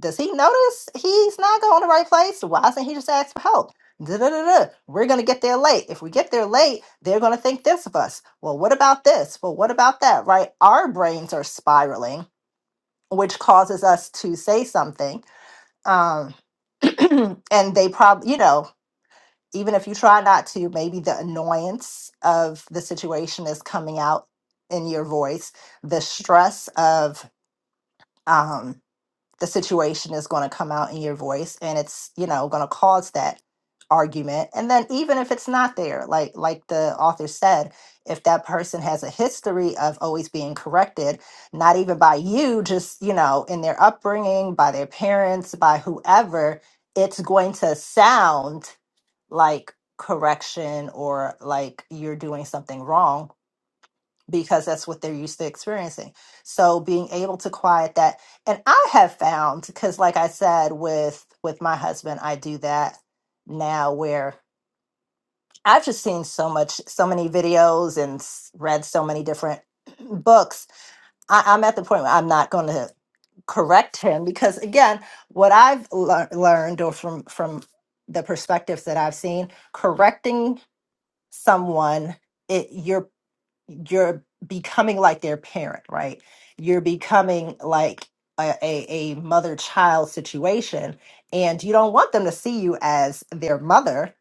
S4: Does he notice he's not going to the right place? Why doesn't he just ask for help? Da-da-da-da. We're going to get there late. If we get there late, they're going to think this of us. Well, what about this? Well, what about that? Right? Our brains are spiraling, which causes us to say something. Um, and they probably, you know, even if you try not to, maybe the annoyance of the situation is coming out in your voice, the stress of, um. the situation is going to come out in your voice and it's you know going to cause that argument and then even if it's not there like like the author said if that person has a history of always being corrected not even by you just you know in their upbringing by their parents by whoever it's going to sound like correction or like you're doing something wrong because that's what they're used to experiencing. So being able to quiet that and I have found cuz like I said with with my husband I do that now where I've just seen so much so many videos and s- read so many different books. I, I'm at the point where I'm not going to correct him because again what i've lear- learned or from from the perspectives that i've seen correcting someone it you're you're becoming like their parent, right? You're becoming like a, a, a mother child situation, and you don't want them to see you as their mother.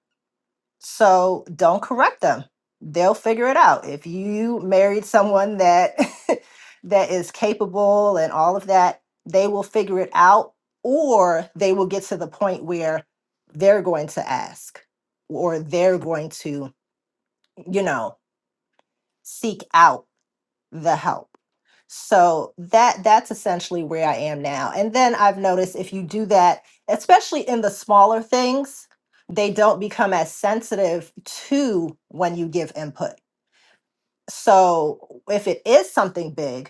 S4: So don't correct them. They'll figure it out. If you married someone that that is capable and all of that, they will figure it out, or they will get to the point where they're going to ask, or they're going to, you know, seek out the help. So that that's essentially where I am now. And then I've noticed if you do that, especially in the smaller things, they don't become as sensitive to when you give input. So if it is something big,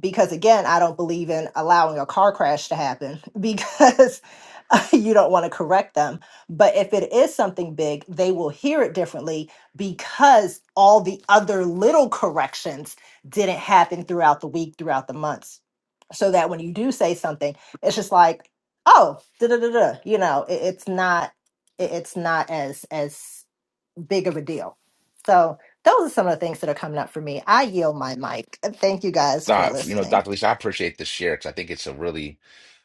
S4: because again i don't believe in allowing a car crash to happen because uh, you don't want to correct them but if it is something big they will hear it differently because all the other little corrections didn't happen throughout the week throughout the months so that when you do say something it's just like oh da da da da you know it, it's not it- it's not as as big of a deal. So those are some of the things that are coming up for me. I yield my mic. Thank you guys for
S1: Uh, you know,
S4: listening.
S1: Dr. Lisa, I appreciate this share because I think it's a really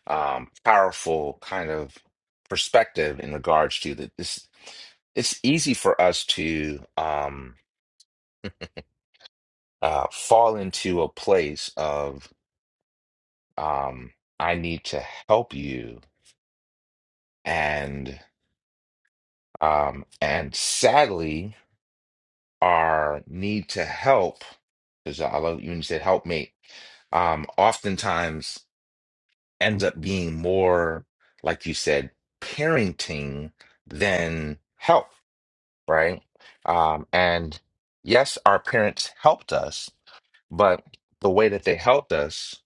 S1: um, powerful kind of perspective in regards to that. This it's easy for us to um, uh, fall into a place of um, I need to help you and um, and sadly. our need to help, because I love you when you said helpmate, um, oftentimes ends up being more, like you said, parenting than help, right? Um, and yes, our parents helped us, but the way that they helped us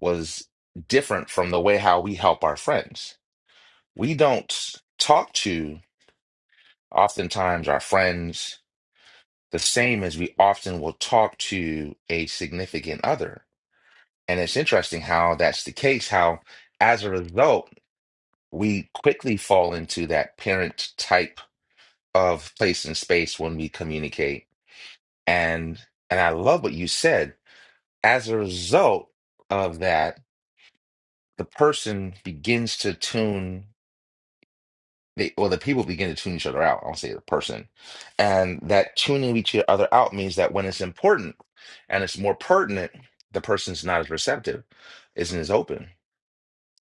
S1: was different from the way how we help our friends. We don't talk to oftentimes our friends the same as we often will talk to a significant other. And it's interesting how that's the case, how as a result, we quickly fall into that parent type of place and space when we communicate. And and I love what you said. As a result of that, the person begins to tune. they or the people begin to tune each other out. I don't say the person, and that tuning each other out means that when it's important and it's more pertinent, the person's not as receptive, isn't as open,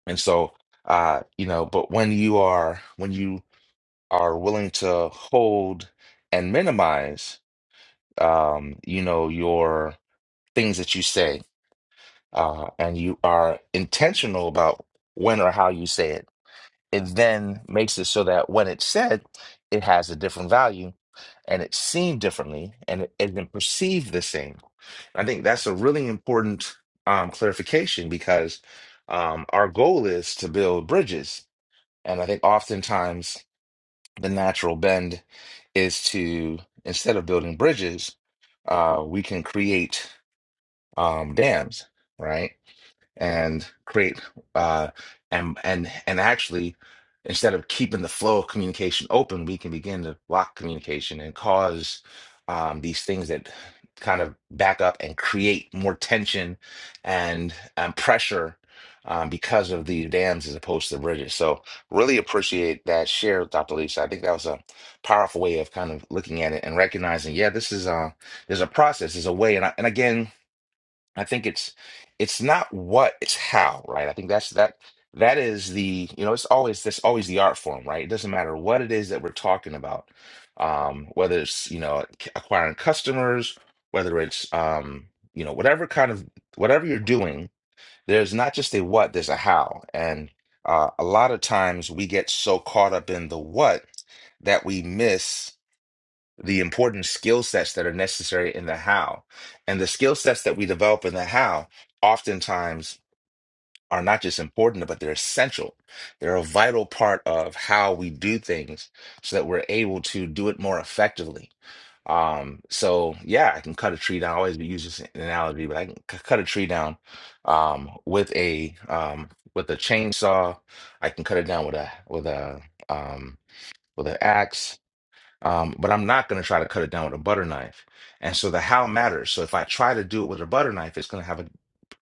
S1: and so uh, you know. But when you are when you are willing to hold and minimize, um, you know your things that you say, uh, and you are intentional about when or how you say it it then makes it so that when it's said, it has a different value and it's seen differently and it isn't perceived the same. I think that's a really important um, clarification because um, our goal is to build bridges. And I think oftentimes the natural bend is to, instead of building bridges, uh, we can create um, dams, right? and create uh, and and and actually instead of keeping the flow of communication open, we can begin to block communication and cause um, these things that kind of back up and create more tension and and pressure um, because of the dams as opposed to the bridges. So really appreciate that share, Dr. Lisa. I think that was a powerful way of kind of looking at it and recognizing, yeah, this is a there's a process, there's a way. And I, and again, I think it's it's not what, it's how, right? I think that's that that is the, you know, it's always that's always the art form, right? It doesn't matter what it is that we're talking about. Um, whether it's, you know, c- acquiring customers, whether it's um, you know, whatever kind of whatever you're doing, there's not just a what, there's a how. And uh, a lot of times we get so caught up in the what that we miss the important skill sets that are necessary in the how. And the skill sets that we develop in the how oftentimes are not just important, but they're essential. They're a vital part of how we do things so that we're able to do it more effectively. Um, so yeah, I can cut a tree down. I always use this analogy, but I can c- cut a tree down um, with a um, with a chainsaw. I can cut it down with a with a um, with an axe. Um, but I'm not going to try to cut it down with a butter knife. And so the how matters. So if I try to do it with a butter knife, it's going to have a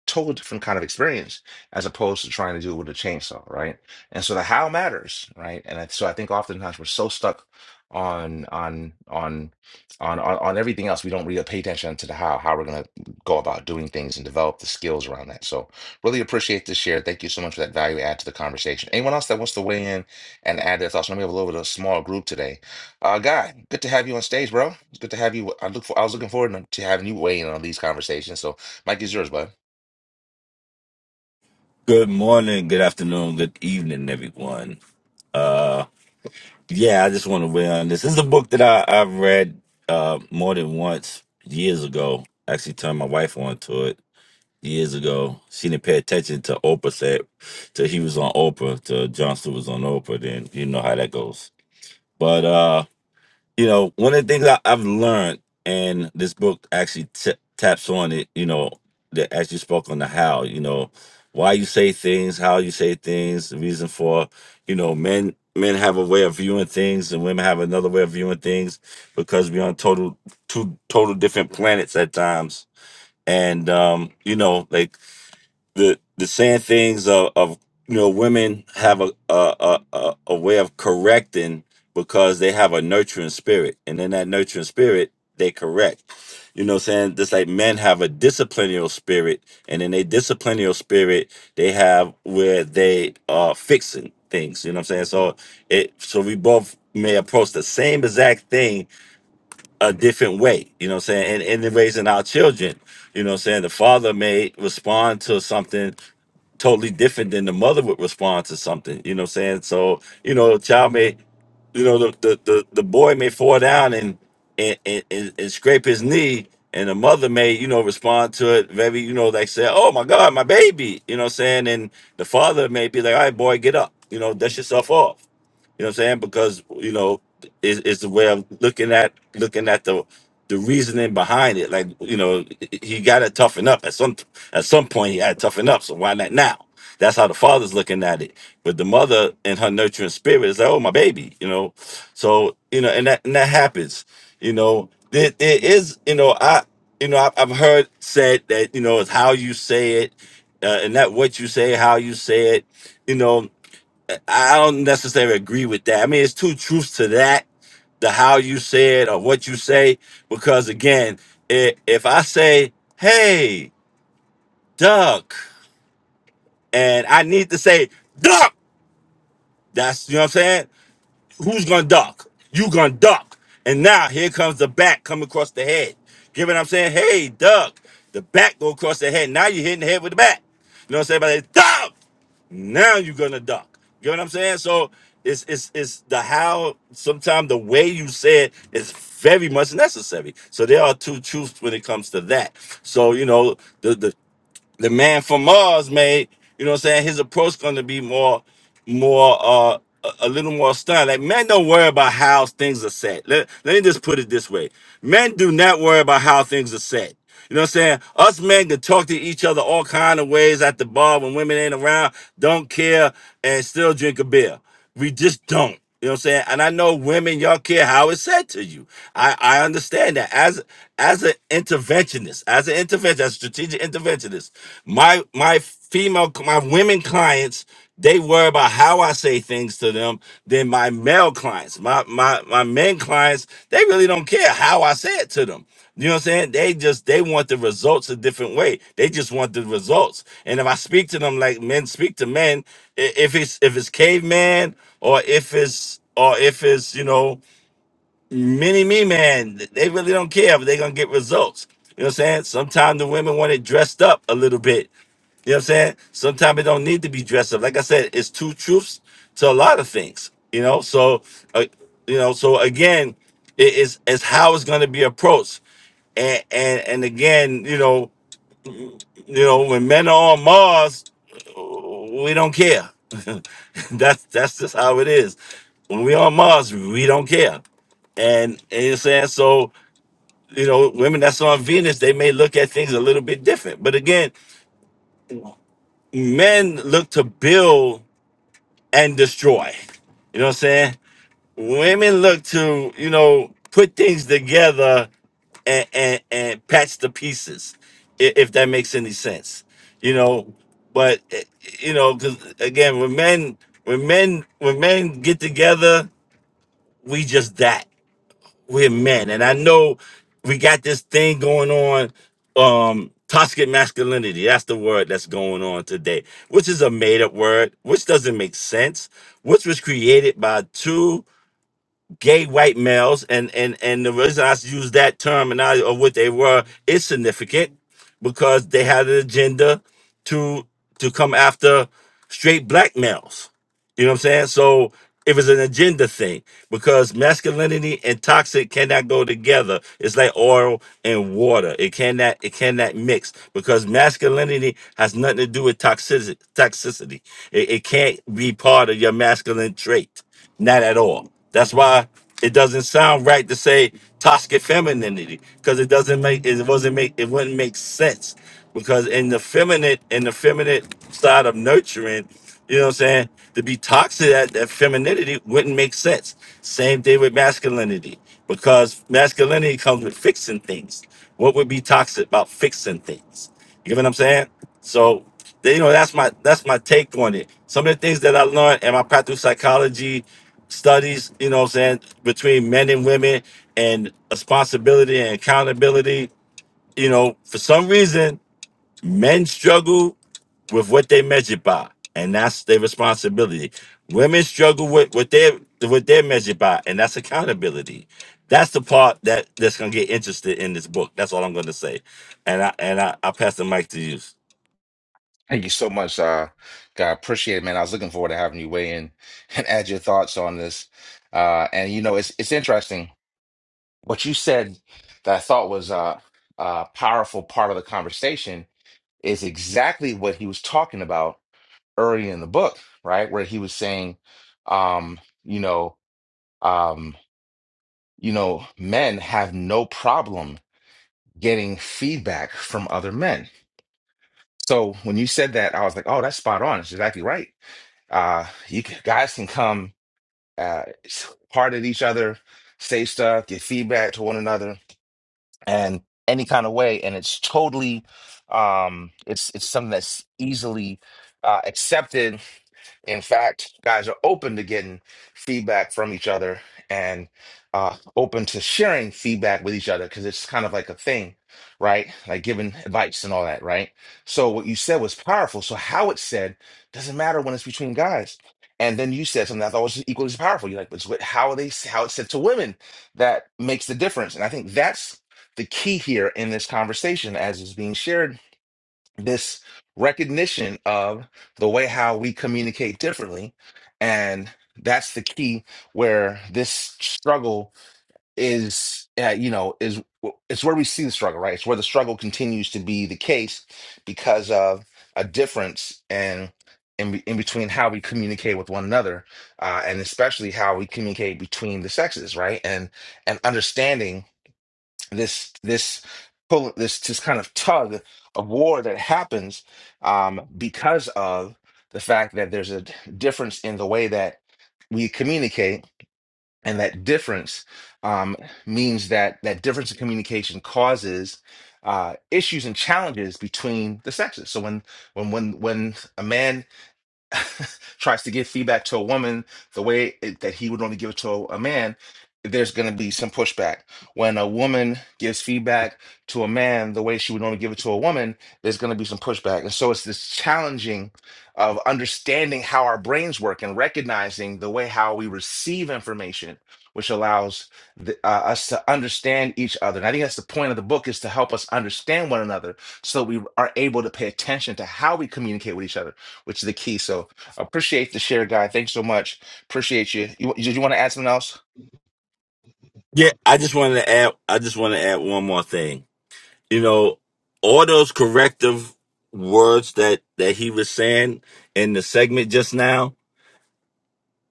S1: total different kind of experience as opposed to trying to do it with a chainsaw, right? And so the how matters, right? And I- so I think oftentimes we're so stuck on on on on on, on everything else we don't really pay attention to the how how we're going to go about doing things and develop the skills around that so really appreciate this share thank you so much for that value add to the conversation anyone else that wants to weigh in and add their thoughts I know we have a little bit of a small group today uh guy good to have you on stage bro it's good to have you i look for i was looking forward to having you weigh in on these conversations so mike is yours bud
S6: Good morning, good afternoon, good evening, everyone. Uh, yeah, I just want to weigh on this. This is a book that I, I've read uh, more than once years ago. I Actually, turned my wife on to it years ago. She didn't pay attention to Oprah said till he was on Oprah, till John Stewart was on Oprah. Then you know how that goes. But uh, you know, one of the things I, I've learned, and this book actually t- taps on it, you know, that as you spoke on the how, you know, why you say things, how you say things, the reason for, you know, men men have a way of viewing things and women have another way of viewing things because we're on total two total different planets at times. And um, you know, like the the saying things of, of you know women have a a, a a way of correcting because they have a nurturing spirit and in that nurturing spirit they correct you know what I'm saying just like men have a disciplinary spirit and in a disciplinary spirit they have where they are fixing things you know what I'm saying so it so we both may approach the same exact thing a different way, you know what I'm saying? And, and in raising our children, you know what I'm saying? The father may respond to something totally different than the mother would respond to something, you know what I'm saying? So, you know, the child may, you know, the the, the, the boy may fall down and and, and and and scrape his knee and the mother may, you know, respond to it very, you know, like say, Oh my God, my baby, you know what I'm saying? And the father may be like, All right, boy, get up, you know, dust yourself off. You know what I'm saying? Because you know, it's, it's the way of looking at looking at the the reasoning behind it. Like you know, he got to toughen up at some at some point. He had to toughen up. So why not now? That's how the father's looking at it. But the mother and her nurturing spirit is like, oh my baby, you know. So you know, and that and that happens. You know, there, there is you know I you know I, I've heard said that you know it's how you say it. Uh, and that what you say, how you say it, you know, I don't necessarily agree with that. I mean, it's two truths to that: the how you say it or what you say. Because again, i if I say "Hey, duck," and I need to say "duck," that's you know what I'm saying. Who's gonna duck? You gonna duck? And now here comes the bat coming across the head. Give what I'm saying, "Hey, duck." The bat go across the head. Now you're hitting the head with the bat. You know what I'm saying? But it's duck. Now you're gonna duck. You know what I'm saying? So it's it's it's the how sometimes the way you say it is very much necessary. So there are two truths when it comes to that. So you know, the the the man from Mars made, you know what I'm saying, his approach gonna be more more uh a a little more stern. Like men don't worry about how things are set. Let, let me just put it this way. Men do not worry about how things are set. You know what I'm saying? Us men can talk to each other all kind of ways at the bar when women ain't around, don't care, and still drink a beer. We just don't. You know what I'm saying? And I know women, y'all care how it's said to you. I, I understand that. As as an interventionist, as an interventionist, as a strategic interventionist, my my female my women clients, they worry about how I say things to them than my male clients. My my my men clients, they really don't care how I say it to them. You know what I'm saying? They just they want the results a different way. They just want the results. And if I speak to them like men speak to men, i- if it's if it's caveman or if it's or if it's you know many, me man, they really don't care but they're gonna get results. You know what I'm saying? Sometimes the women want it dressed up a little bit. You know what I'm saying? Sometimes it don't need to be dressed up. Like I said, it's two truths to a lot of things. You know, so uh, you know, so again, it is it's it's how it's gonna be approached. And and and again, you know. You know, when men are on Mars, we don't care. that's that's just how it is. When we on Mars, we don't care. And, and you're saying so, you know, women that's on Venus, they may look at things a little bit different. But again, men look to build and destroy. You know what I'm saying? women look to you know put things together and and, and patch the pieces i- if that makes any sense you know but eh, you know because again when men when men when men get together we just that we're men and i know we got this thing going on um toxic masculinity that's the word that's going on today which is a made-up word which doesn't make sense which was created by two gay white males and and and the reason I use that terminology or what they were is significant because they had an agenda to to come after straight black males. You know what I'm saying? So it was an agenda thing because masculinity and toxic cannot go together. It's like oil and water. It cannot it cannot mix because masculinity has nothing to do with toxicity. Toxicity. It, it can't be part of your masculine trait. Not at all. That's why it doesn't sound right to say toxic femininity because it doesn't make it wasn't make it wouldn't make sense because in the feminine in the feminine side of nurturing, you know what I'm saying? To be toxic at that femininity wouldn't make sense. Same thing with masculinity because masculinity comes with fixing things. What would be toxic about fixing things? You know what I'm saying? So they- you know that's my that's my take on it. Some of the things that I learned in my practical psychology studies, you know what I'm saying, between men and women and responsibility and accountability, you know, for some reason men struggle with what they measure by, and that's their responsibility. Women struggle with what they what they're measured by, and that's accountability. That's the part that that's gonna get interested in this book. That's all I'm gonna say. And I and I, I pass the mic to you.
S1: Thank you so much, uh, God. Appreciate it, man. I was looking forward to having you weigh in and add your thoughts on this. Uh, and you know, it's it's interesting what you said that I thought was uh, a powerful part of the conversation is exactly what he was talking about early in the book, right? Where he was saying, um, you know, um, you know, men have no problem getting feedback from other men. So when you said that, I was like, oh, that's spot on. It's exactly right Uh, you can, guys can come uh, s- at each other, say stuff, give feedback to one another, and any kind of way. And it's totally, um, it's it's something that's easily uh, accepted in fact, guys are open to getting feedback from each other and uh, open to sharing feedback with each other because it's kind of like a thing, right? Like giving advice and all that, right? So what you said was powerful. So how it's said doesn't matter when it's between guys. And then you said something I thought was equally as powerful. You're like, but it's what- how are they how it's said to women that makes the difference. And I think that's the key here in this conversation as is being shared this recognition of the way how we communicate differently and that's the key where this struggle is uh, you know is it's where we see the struggle right it's where the struggle continues to be the case because of a difference and in, in, in between how we communicate with one another uh, and especially how we communicate between the sexes right and and understanding this this pull this this kind of tug of war that happens um, because of the fact that there's a d- difference in the way that we communicate and that difference um, means that that difference in communication causes uh, issues and challenges between the sexes so when when when when a man tries to give feedback to a woman the way it- that he would only give it to a, a man, there's going to be some pushback. When a woman gives feedback to a man the way she would only give it to a woman, there's going to be some pushback. And so it's this challenging of understanding how our brains work and recognizing the way how we receive information, which allows the, uh, us to understand each other. And I think that's the point of the book is to help us understand one another so we are able to pay attention to how we communicate with each other which is the key. So appreciate the share, guy. Thanks so much. Appreciate you. You did you want to add something else?
S6: Yeah, I just wanted to add. I just want to add one more thing. You know, all those corrective words that that he was saying in the segment just now.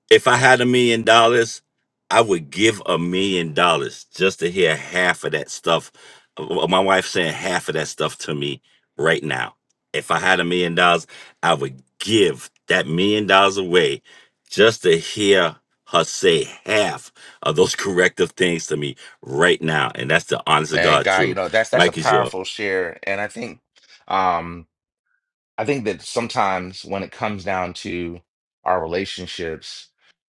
S6: If I had a million dollars, I would give a million dollars just to hear half of that stuff. uh, My wife saying half of that stuff to me right now. If I had a million dollars, I would give that million dollars away just to hear her say half of those corrective things to me right now. And that's the honest to
S1: Man,
S6: God,
S1: guy, you
S6: too.
S1: know, that's that's a
S6: Mike is yours.
S1: powerful share. And I think um I think that sometimes when it comes down to our relationships,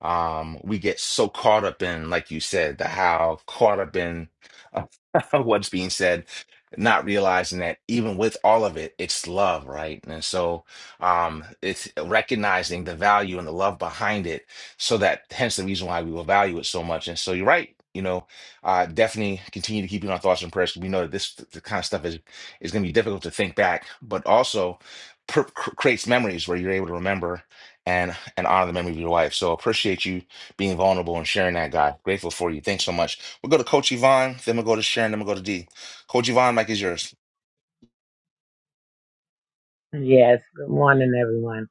S1: um, we get so caught up in, like you said, the how, caught up in uh, what's being said, not realizing that even with all of it, it's love, right? And so um, it's recognizing the value and the love behind it, so that hence the reason why we will value it so much. And so you're right. You know, uh, definitely continue to keep you in our thoughts and prayers. 'cause We know that this the kind of stuff is is going to be difficult to think back, but also pr- cr- creates memories where you're able to remember and and honor the memory of your wife. So appreciate you being vulnerable and sharing that, guy. Grateful for you. Thanks so much. We'll go to Coach Yvonne, then we'll go to Sharon, then we'll go to D. Coach Yvonne, Mike is yours.
S7: Yes, good morning, everyone.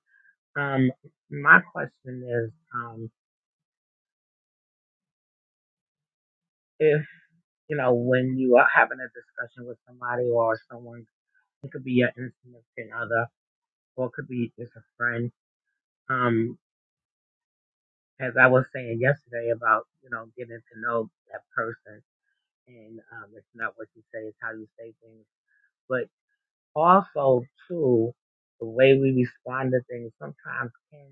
S7: Um, my question is, um, if you know, when you are having a discussion with somebody or someone, it could be your insignificant other, or it could be just a friend. Um, as I was saying yesterday about you know getting to know that person, and um, it's not what you say, it's how you say things, but also too the way we respond to things sometimes can.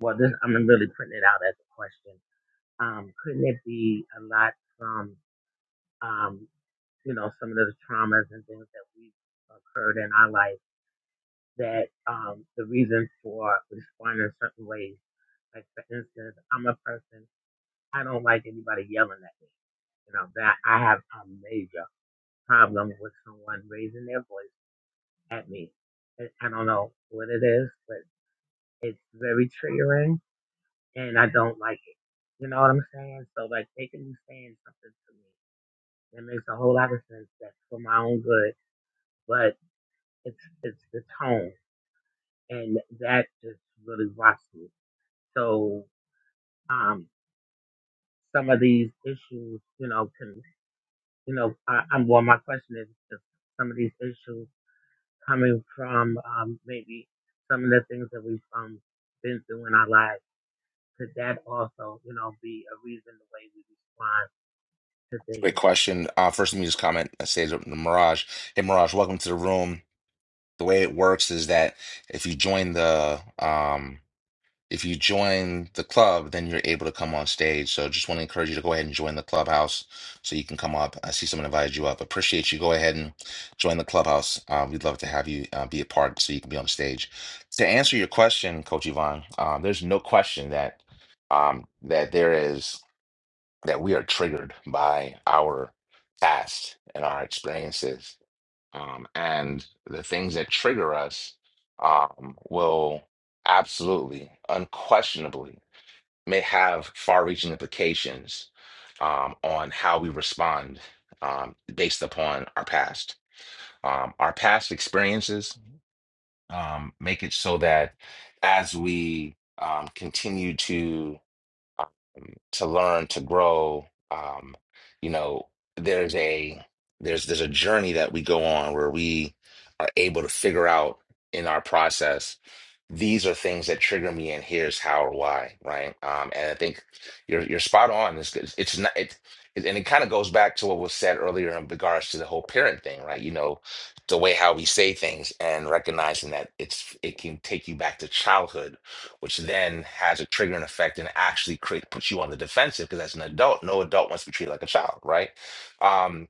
S7: Well, this I'm really putting it out as a question Um, couldn't it be a lot from, um, you know, some of the traumas and things that we've occurred in our life that um, the reason for responding in certain ways, like for instance, I'm a person, I don't like anybody yelling at me. You know, that I have a major problem with someone raising their voice at me. And I don't know what it is, but it's very triggering and I don't like it. You know what I'm saying? So like they can be saying something to me It makes a whole lot of sense. That's for my own good, but it's it's the tone, and that just really rocks me. So um, some of these issues, you know, can you know, I, I'm well. My question is, if some of these issues coming from um, maybe some of the things that we've um, been through in our lives, could that also, you know, be a reason the way we respond to
S1: Great
S7: things?
S1: question. Uh, first, let me just comment. I say to Mirage, hey Mirage, welcome to the room. The way it works is that if you join the um, if you join the club, then you're able to come on stage. So just want to encourage you to go ahead and join the clubhouse so you can come up. I see someone invited you up. Appreciate you. Go ahead and join the clubhouse. Uh, we'd love to have you uh, be a part so you can be on stage. To answer your question, Coach Yvonne, um, there's no question that um, that there is that we are triggered by our past and our experiences um, and the things that trigger us um, will absolutely, unquestionably, may have far-reaching implications um, on how we respond um, based upon our past. Um, our past experiences um, make it so that as we um, continue to um, to learn to grow um you know there's a there's there's a journey that we go on where we are able to figure out in our process these are things that trigger me and here's how or why right um and i think you're you're spot on it's it's it's not it, it and it kind of goes back to what was said earlier in regards to the whole parent thing right you know the way how we say things and recognizing that it's it can take you back to childhood which then has a triggering effect and actually create puts you on the defensive because as an adult no adult wants to be treated like a child right Um,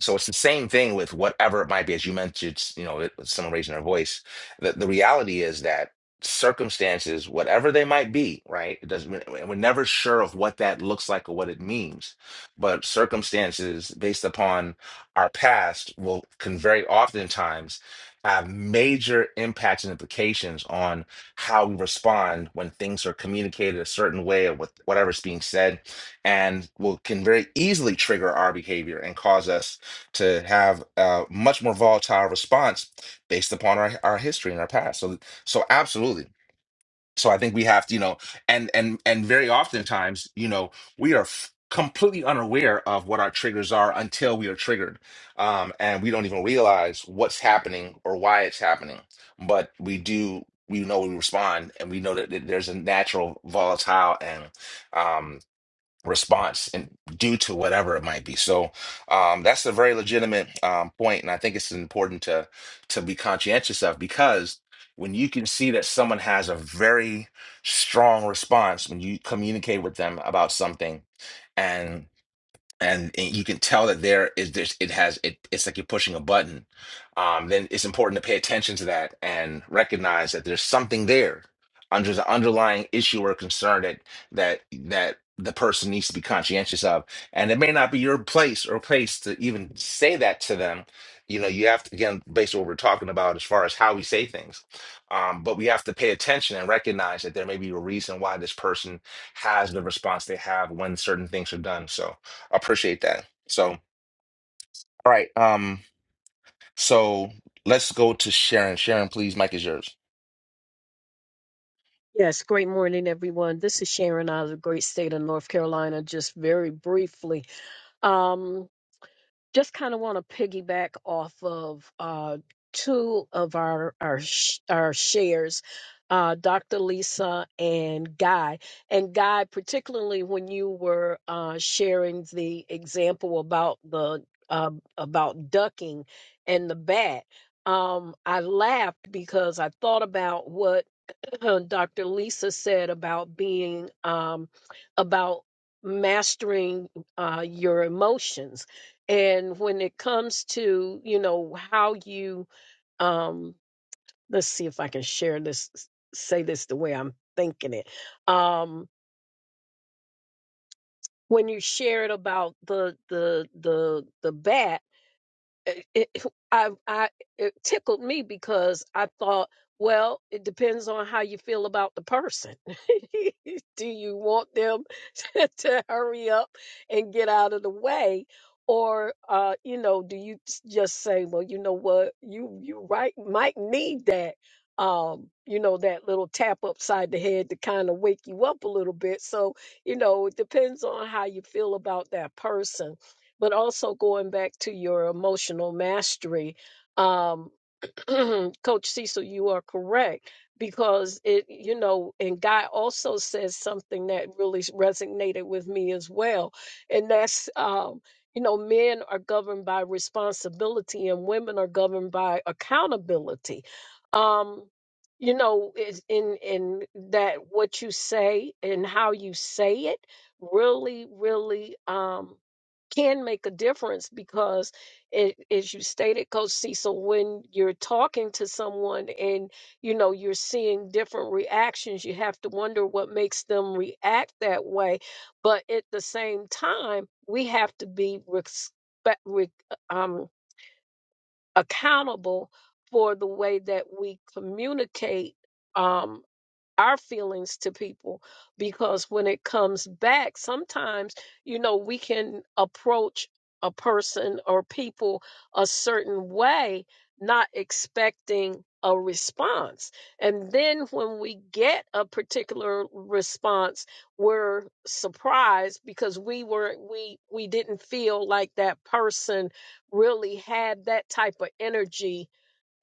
S1: so it's the same thing with whatever it might be, as you mentioned, you know, it- someone raising their voice. The, the reality is that circumstances, whatever they might be, right? It doesn't, we're we're never sure of what that looks like or what it means. But circumstances based upon our past will can very oftentimes have major impacts and implications on how we respond when things are communicated a certain way or with whatever's being said, and will can very easily trigger our behavior and cause us to have a much more volatile response based upon our, our history and our past. So so absolutely. So I think we have to, you know, and and and very oftentimes, you know, we are f- completely unaware of what our triggers are until we are triggered, um, and we don't even realize what's happening or why it's happening. But we do. We know we respond, and we know that th- there's a natural volatile and um, response and due to whatever it might be. So um, that's a very legitimate um, point, and I think it's important to to be conscientious of because when you can see that someone has a very strong response when you communicate with them about something and and, and you can tell that there is there's it has it it's like you're pushing a button um then it's important to pay attention to that and recognize that there's something there under the underlying issue or concern that that that the person needs to be conscientious of and it may not be your place or place to even say that to them you know you have to again based on what we're talking about as far as how we say things um, but we have to pay attention and recognize that there may be a reason why this person has the response they have when certain things are done so I appreciate that. So, all right. Um, so let's go to Sharon. Sharon, please, Mike is yours.
S5: Yes, great morning, everyone. This is Sharon out of the great state of North Carolina, just very briefly. Um, just kind of want to piggyback off of uh, two of our our sh- our shares, uh, Dr. Lisa and Guy. And Guy, particularly when you were uh, sharing the example about the um about ducking and the bat, um, I laughed because I thought about what uh, Dr. Lisa said about being um, about mastering uh, your emotions, and when it comes to you know how you um, let's see if I can share this, say this the way I'm thinking it. Um, when you share it about the the the the bad. it, it, I, I, it tickled me because I thought, well, it depends on how you feel about the person. Do you want them to hurry up and get out of the way? Or, uh, you know, do you s- just say, well, you know what, you, you right, might need that, um, you know, that little tap upside the head to kind of wake you up a little bit. So, you know, it depends on how you feel about that person but also going back to your emotional mastery um coach cecil you are correct because it you know and guy also says something that really resonated with me as well and that's um you know men are governed by responsibility and women are governed by accountability um you know is in in that what you say and how you say it really really um can make a difference because it, as you stated coach cecil when you're talking to someone and you know you're seeing different reactions you have to wonder what makes them react that way but at the same time we have to be respect, re, um, accountable for the way that we communicate um our feelings to people because when it comes back, sometimes, you know, we can approach a person or people a certain way, not expecting a response. And then when we get a particular response, we're surprised because we were not we we didn't feel like that person really had that type of energy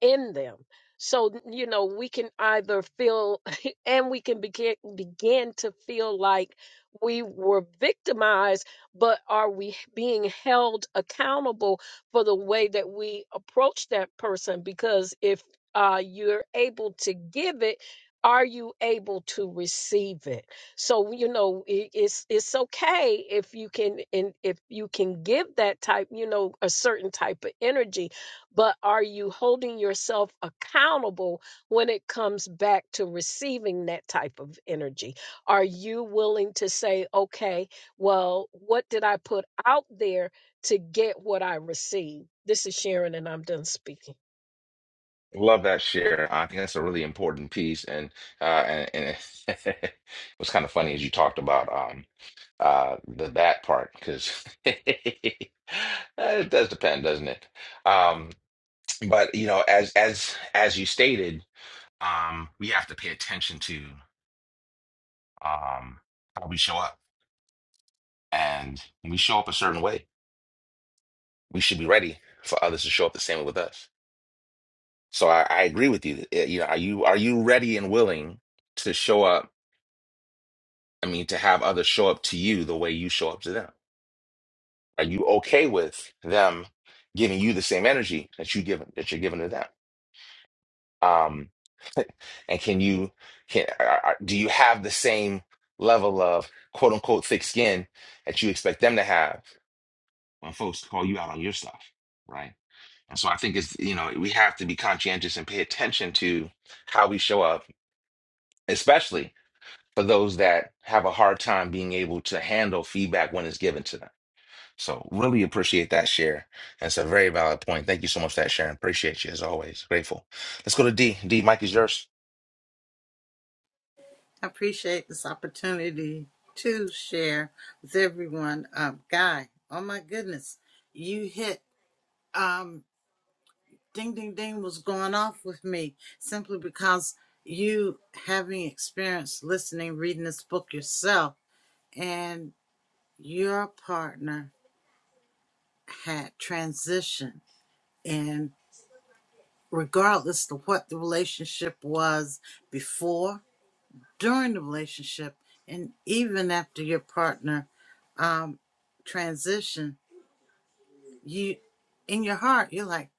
S5: in them. So, you know, we can either feel and we can begin begin to feel like we were victimized, but are we being held accountable for the way that we approach that person? Because if uh, you're able to give it, are you able to receive it? So you know i- it's it's okay if you can and if you can give that type, you know, a certain type of energy but are you holding yourself accountable when it comes back to receiving that type of energy? Are you willing to say, okay, well, what did I put out there to get what I received? This is Sharon, and I'm done speaking.
S1: Love that share. I think that's a really important piece, and uh, and, and it was kind of funny as you talked about um uh the that part because it does depend, doesn't it? Um, but you know, as as as you stated, um, we have to pay attention to um how we show up, and when we show up a certain way. we should be ready for others to show up the same way with us. So I, I agree with you. Uh, You know, are you are you ready and willing to show up? I mean, to have others show up to you the way you show up to them. Are you okay with them giving you the same energy that you give that you're giving to them? Um, and can you can are, are- do you have the same level of quote unquote thick skin that you expect them to have when folks call you out on your stuff, right? And so I think it's, you know, we have to be conscientious and pay attention to how we show up, especially for those that have a hard time being able to handle feedback when it's given to them. So really appreciate that share. That's a very valid point. Thank you so much for that Sharon. Appreciate you as always. Grateful. Let's go to D. D, Mike is yours.
S2: I appreciate this opportunity to share with everyone. Um, Guy, oh my goodness, you hit um, ding, ding, ding was going off with me simply because you having experience listening, reading this book yourself, and your partner had transitioned. And regardless of what the relationship was before, during the relationship and even after your partner um, transition, you in your heart you're like,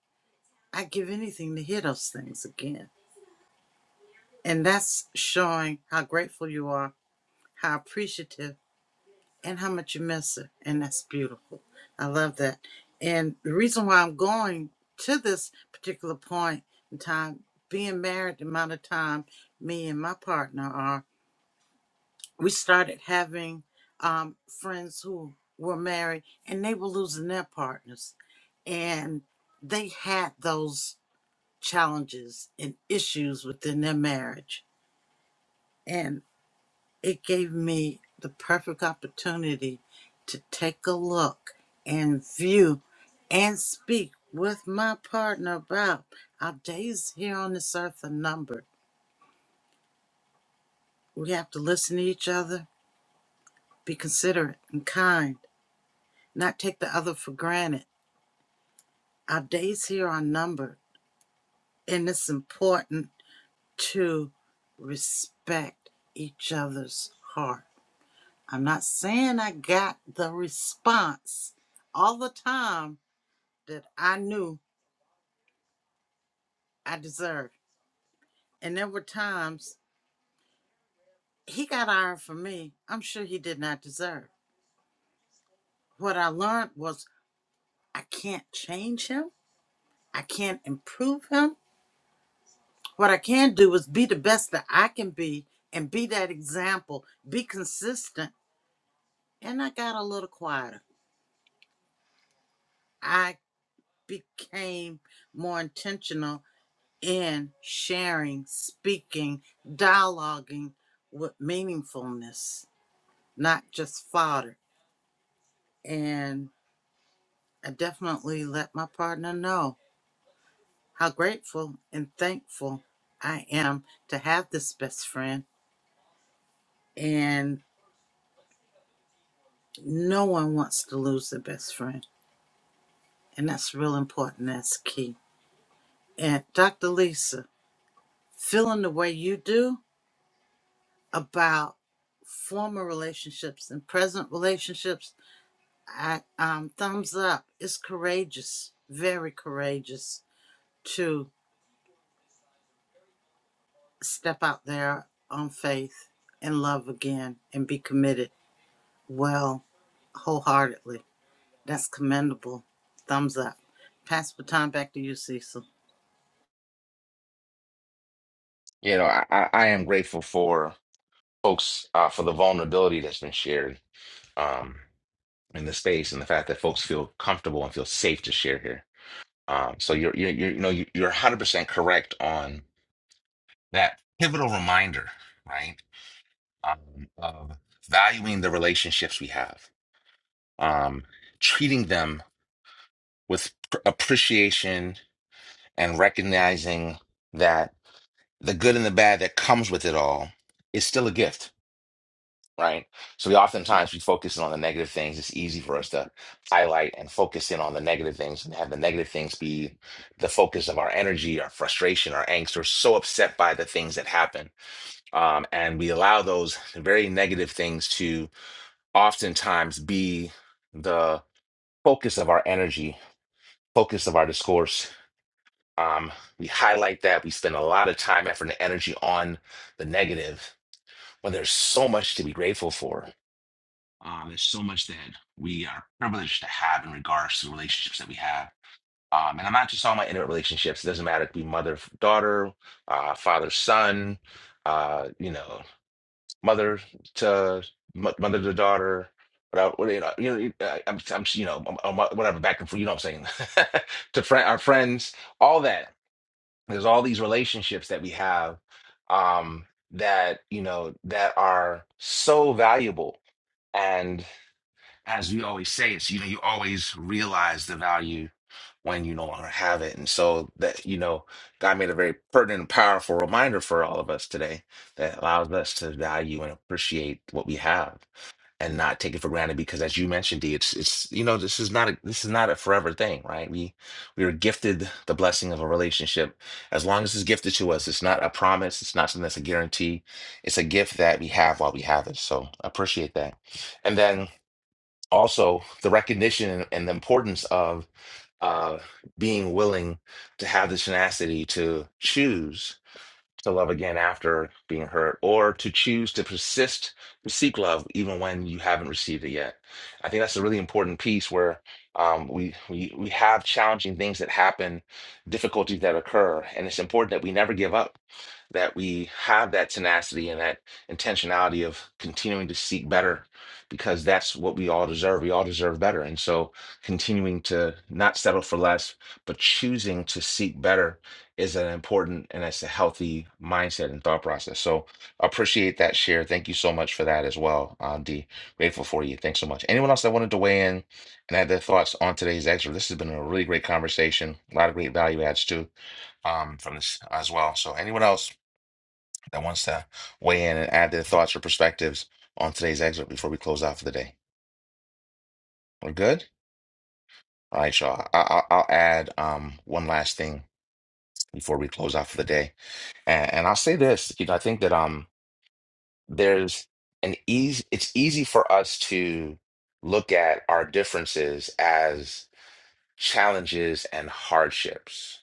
S2: I would give anything to hear those things again, and that's showing how grateful you are, how appreciative, and how much you miss it, and that's beautiful. I love that, and the reason why I'm going to this particular point in time, being married, the amount of time me and my partner are. we started having um, friends who were married and they were losing their partners and they had those challenges and issues within their marriage and it gave me the perfect opportunity to take a look and view and speak with my partner about our days here on this earth are numbered we have to listen to each other be considerate and kind not take the other for granted Our days here are numbered, and it's important to respect each other's heart. I'm not saying I got the response all the time that I knew I deserved. And there were times he got iron from me, I'm sure he did not deserve. What I learned was I can't change him, I can't improve him. What I can do is be the best that I can be and be that example, be consistent and I got a little quieter. I became more intentional in sharing, speaking, dialoguing with meaningfulness, not just fodder. And I definitely let my partner know how grateful and thankful I am to have this best friend. And no one wants to lose their best friend. And that's real important. That's key. And Dr. Lisa, feeling the way you do, about former relationships and present relationships, I, um, thumbs up. It's courageous, very courageous to step out there on faith and love again and be committed well, wholeheartedly. That's commendable. Thumbs up. Pass the time back to you, Cecil.
S1: You know, I, I I am grateful for folks uh, for the vulnerability that's been shared um, in the space and the fact that folks feel comfortable and feel safe to share here. Um, so you're you're you're you know you- you're 100% correct on that pivotal reminder, right? Um, of valuing the relationships we have, um, treating them with pr- appreciation and recognizing that the good and the bad that comes with it all is still a gift right? So we oftentimes we focus in on the negative things. It's easy for us to highlight and focus in on the negative things and have the negative things be the focus of our energy, our frustration, our angst. We're so upset by the things that happen, um, and we allow those very negative things to oftentimes be the focus of our energy, focus of our discourse. Um, we highlight that we spend a lot of time, effort, and energy on the negative when there's so much to be grateful for Um, there's so much that we are privileged to have in regards to the relationships that we have. Um, and I'm not just talking about intimate relationships. It doesn't matter if it be mother, daughter, uh, father, son, uh, you know, mother to mo- mother to daughter, whatever, what- you know, you know, I- I'm, I'm, you know, I'm- I'm- whatever, back and forth, you know what I'm saying? to friend, our friends, all that. There's all these relationships that we have um, that, you know, that are so valuable and as we always say, it's you know, you always realize the value when you no longer have it. And so that, you know, God made a very pertinent and powerful reminder for all of us today that allows us to value and appreciate what we have and not take it for granted because as you mentioned, D, it's it's you know, this is not a this is not a forever thing, right? We we are gifted the blessing of a relationship. As long as it's gifted to us, it's not a promise, it's not something that's a guarantee. It's a gift that we have while we have it. So appreciate that. And then also the recognition and the importance of uh, being willing to have the tenacity to choose to love again after being hurt or to choose to persist to seek love even when you haven't received it yet i think that's a really important piece where um, we, we we have challenging things that happen difficulties that occur and it's important that we never give up that we have that tenacity and that intentionality of continuing to seek better because that's what we all deserve we all deserve better and so continuing to not settle for less but choosing to seek better is an important and it's a healthy mindset and thought process. So appreciate that share. Thank you so much for that as well, uh, D. Grateful for you. Thanks so much. Anyone else that wanted to weigh in and add their thoughts on today's excerpt? This has been a really great conversation. A lot of great value adds too um, from this as well. So anyone else that wants to weigh in and add their thoughts or perspectives on today's excerpt before we close out for the day, we're good. All right, y'all. I- I- I'll add um, one last thing before we close out for the day, and, and I'll say this. You know, I think that um. there's an easy it's easy for us to look at our differences as challenges and hardships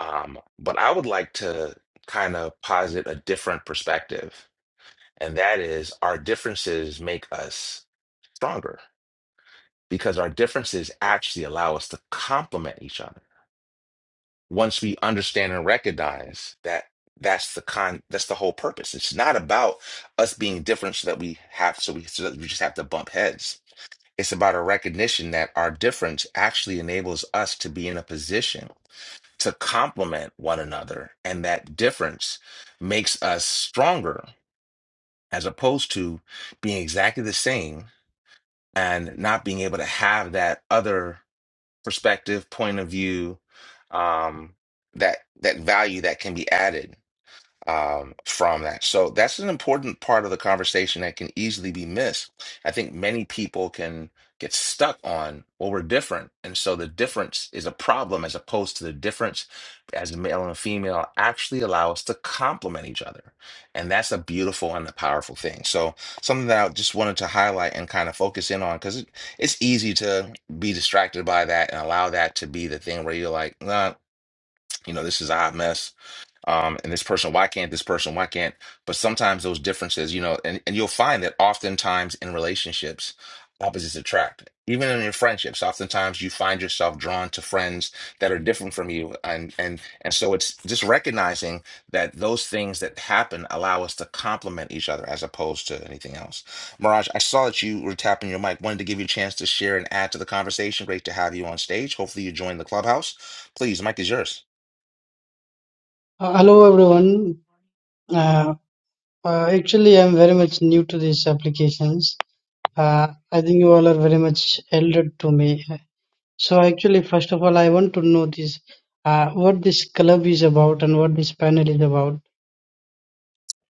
S1: um, but i would like to kind of posit a different perspective and that is our differences make us stronger because our differences actually allow us to complement each other once we understand and recognize that that's the con that's the whole purpose it's not about us being different so that we have so we so that we just have to bump heads it's about a recognition that our difference actually enables us to be in a position to complement one another and that difference makes us stronger as opposed to being exactly the same and not being able to have that other perspective, point of view, um, that that value that can be added um, from that. So that's an important part of the conversation that can easily be missed. I think many people can get stuck on, well, we're different. And so the difference is a problem as opposed to the difference as a male and a female actually allow us to complement each other. And that's a beautiful and a powerful thing. So something that I just wanted to highlight and kind of focus in on because it, it's easy to be distracted by that and allow that to be the thing where you're like, nah, you know, this is a hot mess um, and this person, why can't this person, why can't? But sometimes those differences, you know, and, and you'll find that oftentimes in relationships, opposites attract. Even in your friendships, oftentimes you find yourself drawn to friends that are different from you, and and and so it's just recognizing that those things that happen allow us to complement each other as opposed to anything else. Mirage, I saw that you were tapping your mic. Wanted to give you a chance to share and add to the conversation. Great to have you on stage. Hopefully, you join the clubhouse. Please, the mic is yours.
S8: Uh, Hello everyone. Uh, uh, actually, I'm very much new to these applications. Uh, I think you all are very much elder to me. So actually, first of all, I want to know this, uh, what this club is about and what this panel is about.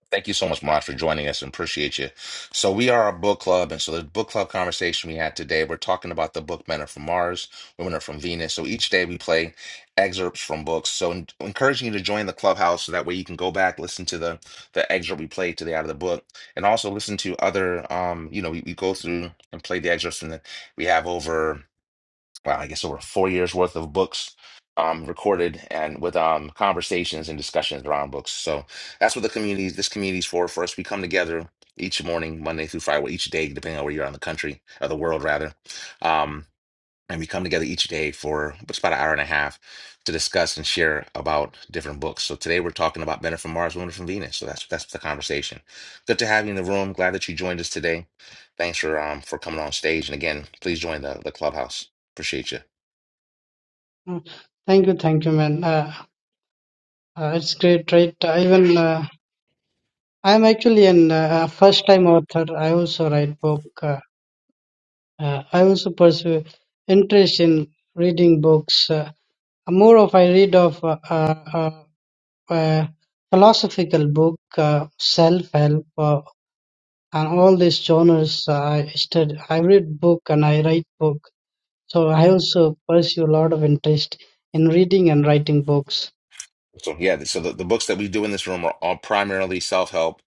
S1: Thank you so much, Mod, for joining us and appreciate you. So we are a book club, and so the book club conversation we had today, we're talking about the book Men Are From Mars, Women Are From Venus. So each day we play excerpts from books. So en- encouraging you to join the clubhouse so that way you can go back, listen to the the excerpt we played today out of the book, and also listen to other um, you know, we, we go through and play the excerpts and then we have over well, I guess over four years worth of books um, recorded and with um, conversations and discussions around books. So that's what the community, this community's for. For us, we come together each morning, Monday through Friday, well, each day, depending on where you're on the country or the world, rather. Um, and we come together each day for it's about an hour and a half to discuss and share about different books. So today we're talking about Men Are from Mars, Women Are from Venus. So that's that's the conversation. Good to have you in the room. Glad that you joined us today. Thanks for um for coming on stage. And again, please join the the clubhouse. Appreciate you.
S8: Uh, Thank you, thank you, man. Uh, uh, it's great, right? I Even uh, I'm actually an uh, first-time author. I also write book. Uh, uh, I also pursue interest in reading books. Uh, more of I read of uh, uh, uh, philosophical book, uh, self-help, uh, and all these genres. Uh, I study, I read book and I write book. So I also pursue a lot of interest in reading and writing books.
S1: So yeah, so the, the books that we do in this room are all primarily self-help,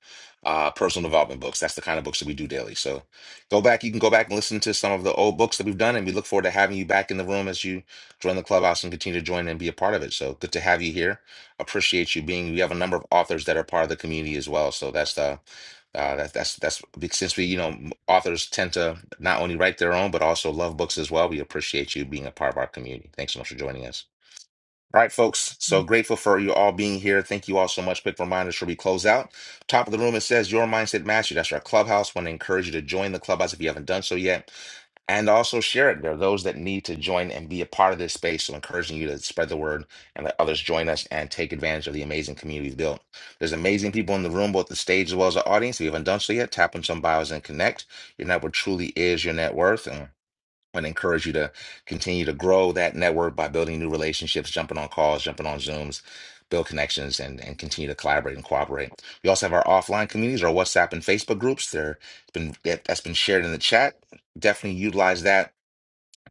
S1: uh, personal development books. That's the kind of books that we do daily. So go back, you can go back and listen to some of the old books that we've done, and we look forward to having you back in the room as you join the clubhouse and continue to join and be a part of it. So good to have you here. Appreciate you being. We have a number of authors that are part of the community as well. So that's the uh, that, that's that's big- since we you know m- authors tend to not only write their own but also love books as well. We appreciate you being a part of our community. Thanks so much for joining us. All right, folks. So grateful for you all being here. Thank you all so much. Quick reminder, should we close out? Top of the room, it says Your Mindset Mastery. That's our clubhouse. Want to encourage you to join the clubhouse if you haven't done so yet. And also share it. There are those that need to join and be a part of this space. So encouraging you to spread the word and let others join us and take advantage of the amazing community we've built. There's amazing people in the room, both the stage as well as the audience. If you haven't done so yet, tap on some bios and connect. Your network truly is your net worth and encourage you to continue to grow that network by building new relationships, jumping on calls, jumping on Zooms, build connections, and, and continue to collaborate and cooperate. We also have our offline communities, our WhatsApp and Facebook groups. There, it's been that- that's been shared in the chat. Definitely utilize that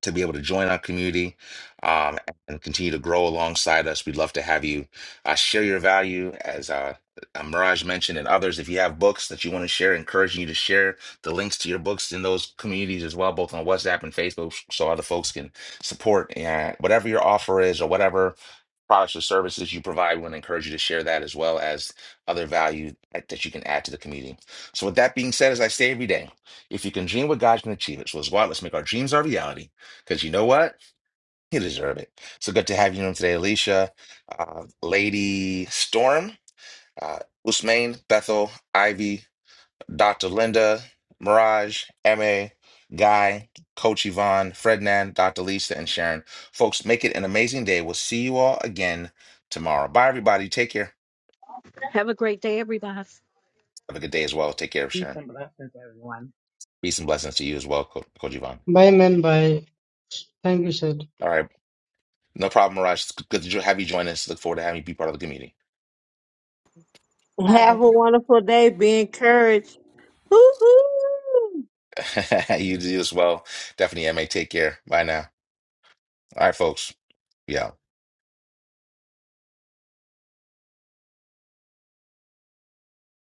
S1: to be able to join our community um, and continue to grow alongside us. We'd love to have you uh, share your value, as uh, uh, Mirage mentioned, and others. If you have books that you want to share, encouraging you to share the links to your books in those communities as well, both on WhatsApp and Facebook, so other folks can support uh, whatever your offer is or whatever products or services you provide. We want to encourage you to share that as well as other value that that you can add to the community. So, with that being said, as I say every day, if you can dream what God can achieve it, so let's go out, let's make our dreams our reality. Because you know what? You deserve it. So good to have you on today, Alicia, uh, Lady Storm, uh, Usmain, Bethel, Ivy, Dr. Linda, Mirage, MA, Guy, Coach Yvonne, Frednan, Dr. Lisa, and Sharon. Folks, make it an amazing day. We'll see you all again tomorrow. Bye, everybody. Take care.
S5: Have a great day, everybody.
S1: Have a good day as well. Take care,
S7: Peace
S1: Sharon.
S7: and blessings, everyone.
S1: Peace and blessings to you as well, Co- Coach Yvonne.
S8: Bye, man. Bye. Thank you, sir.
S1: All right. No problem, Mirage. It's good to jo- have you join us. Look forward to having you be part of the community.
S3: Have
S4: Bye
S3: a wonderful day. Be encouraged. Woo-hoo!
S1: you do as well. Definitely, MA. Take care. Bye now. All right, folks. Yeah.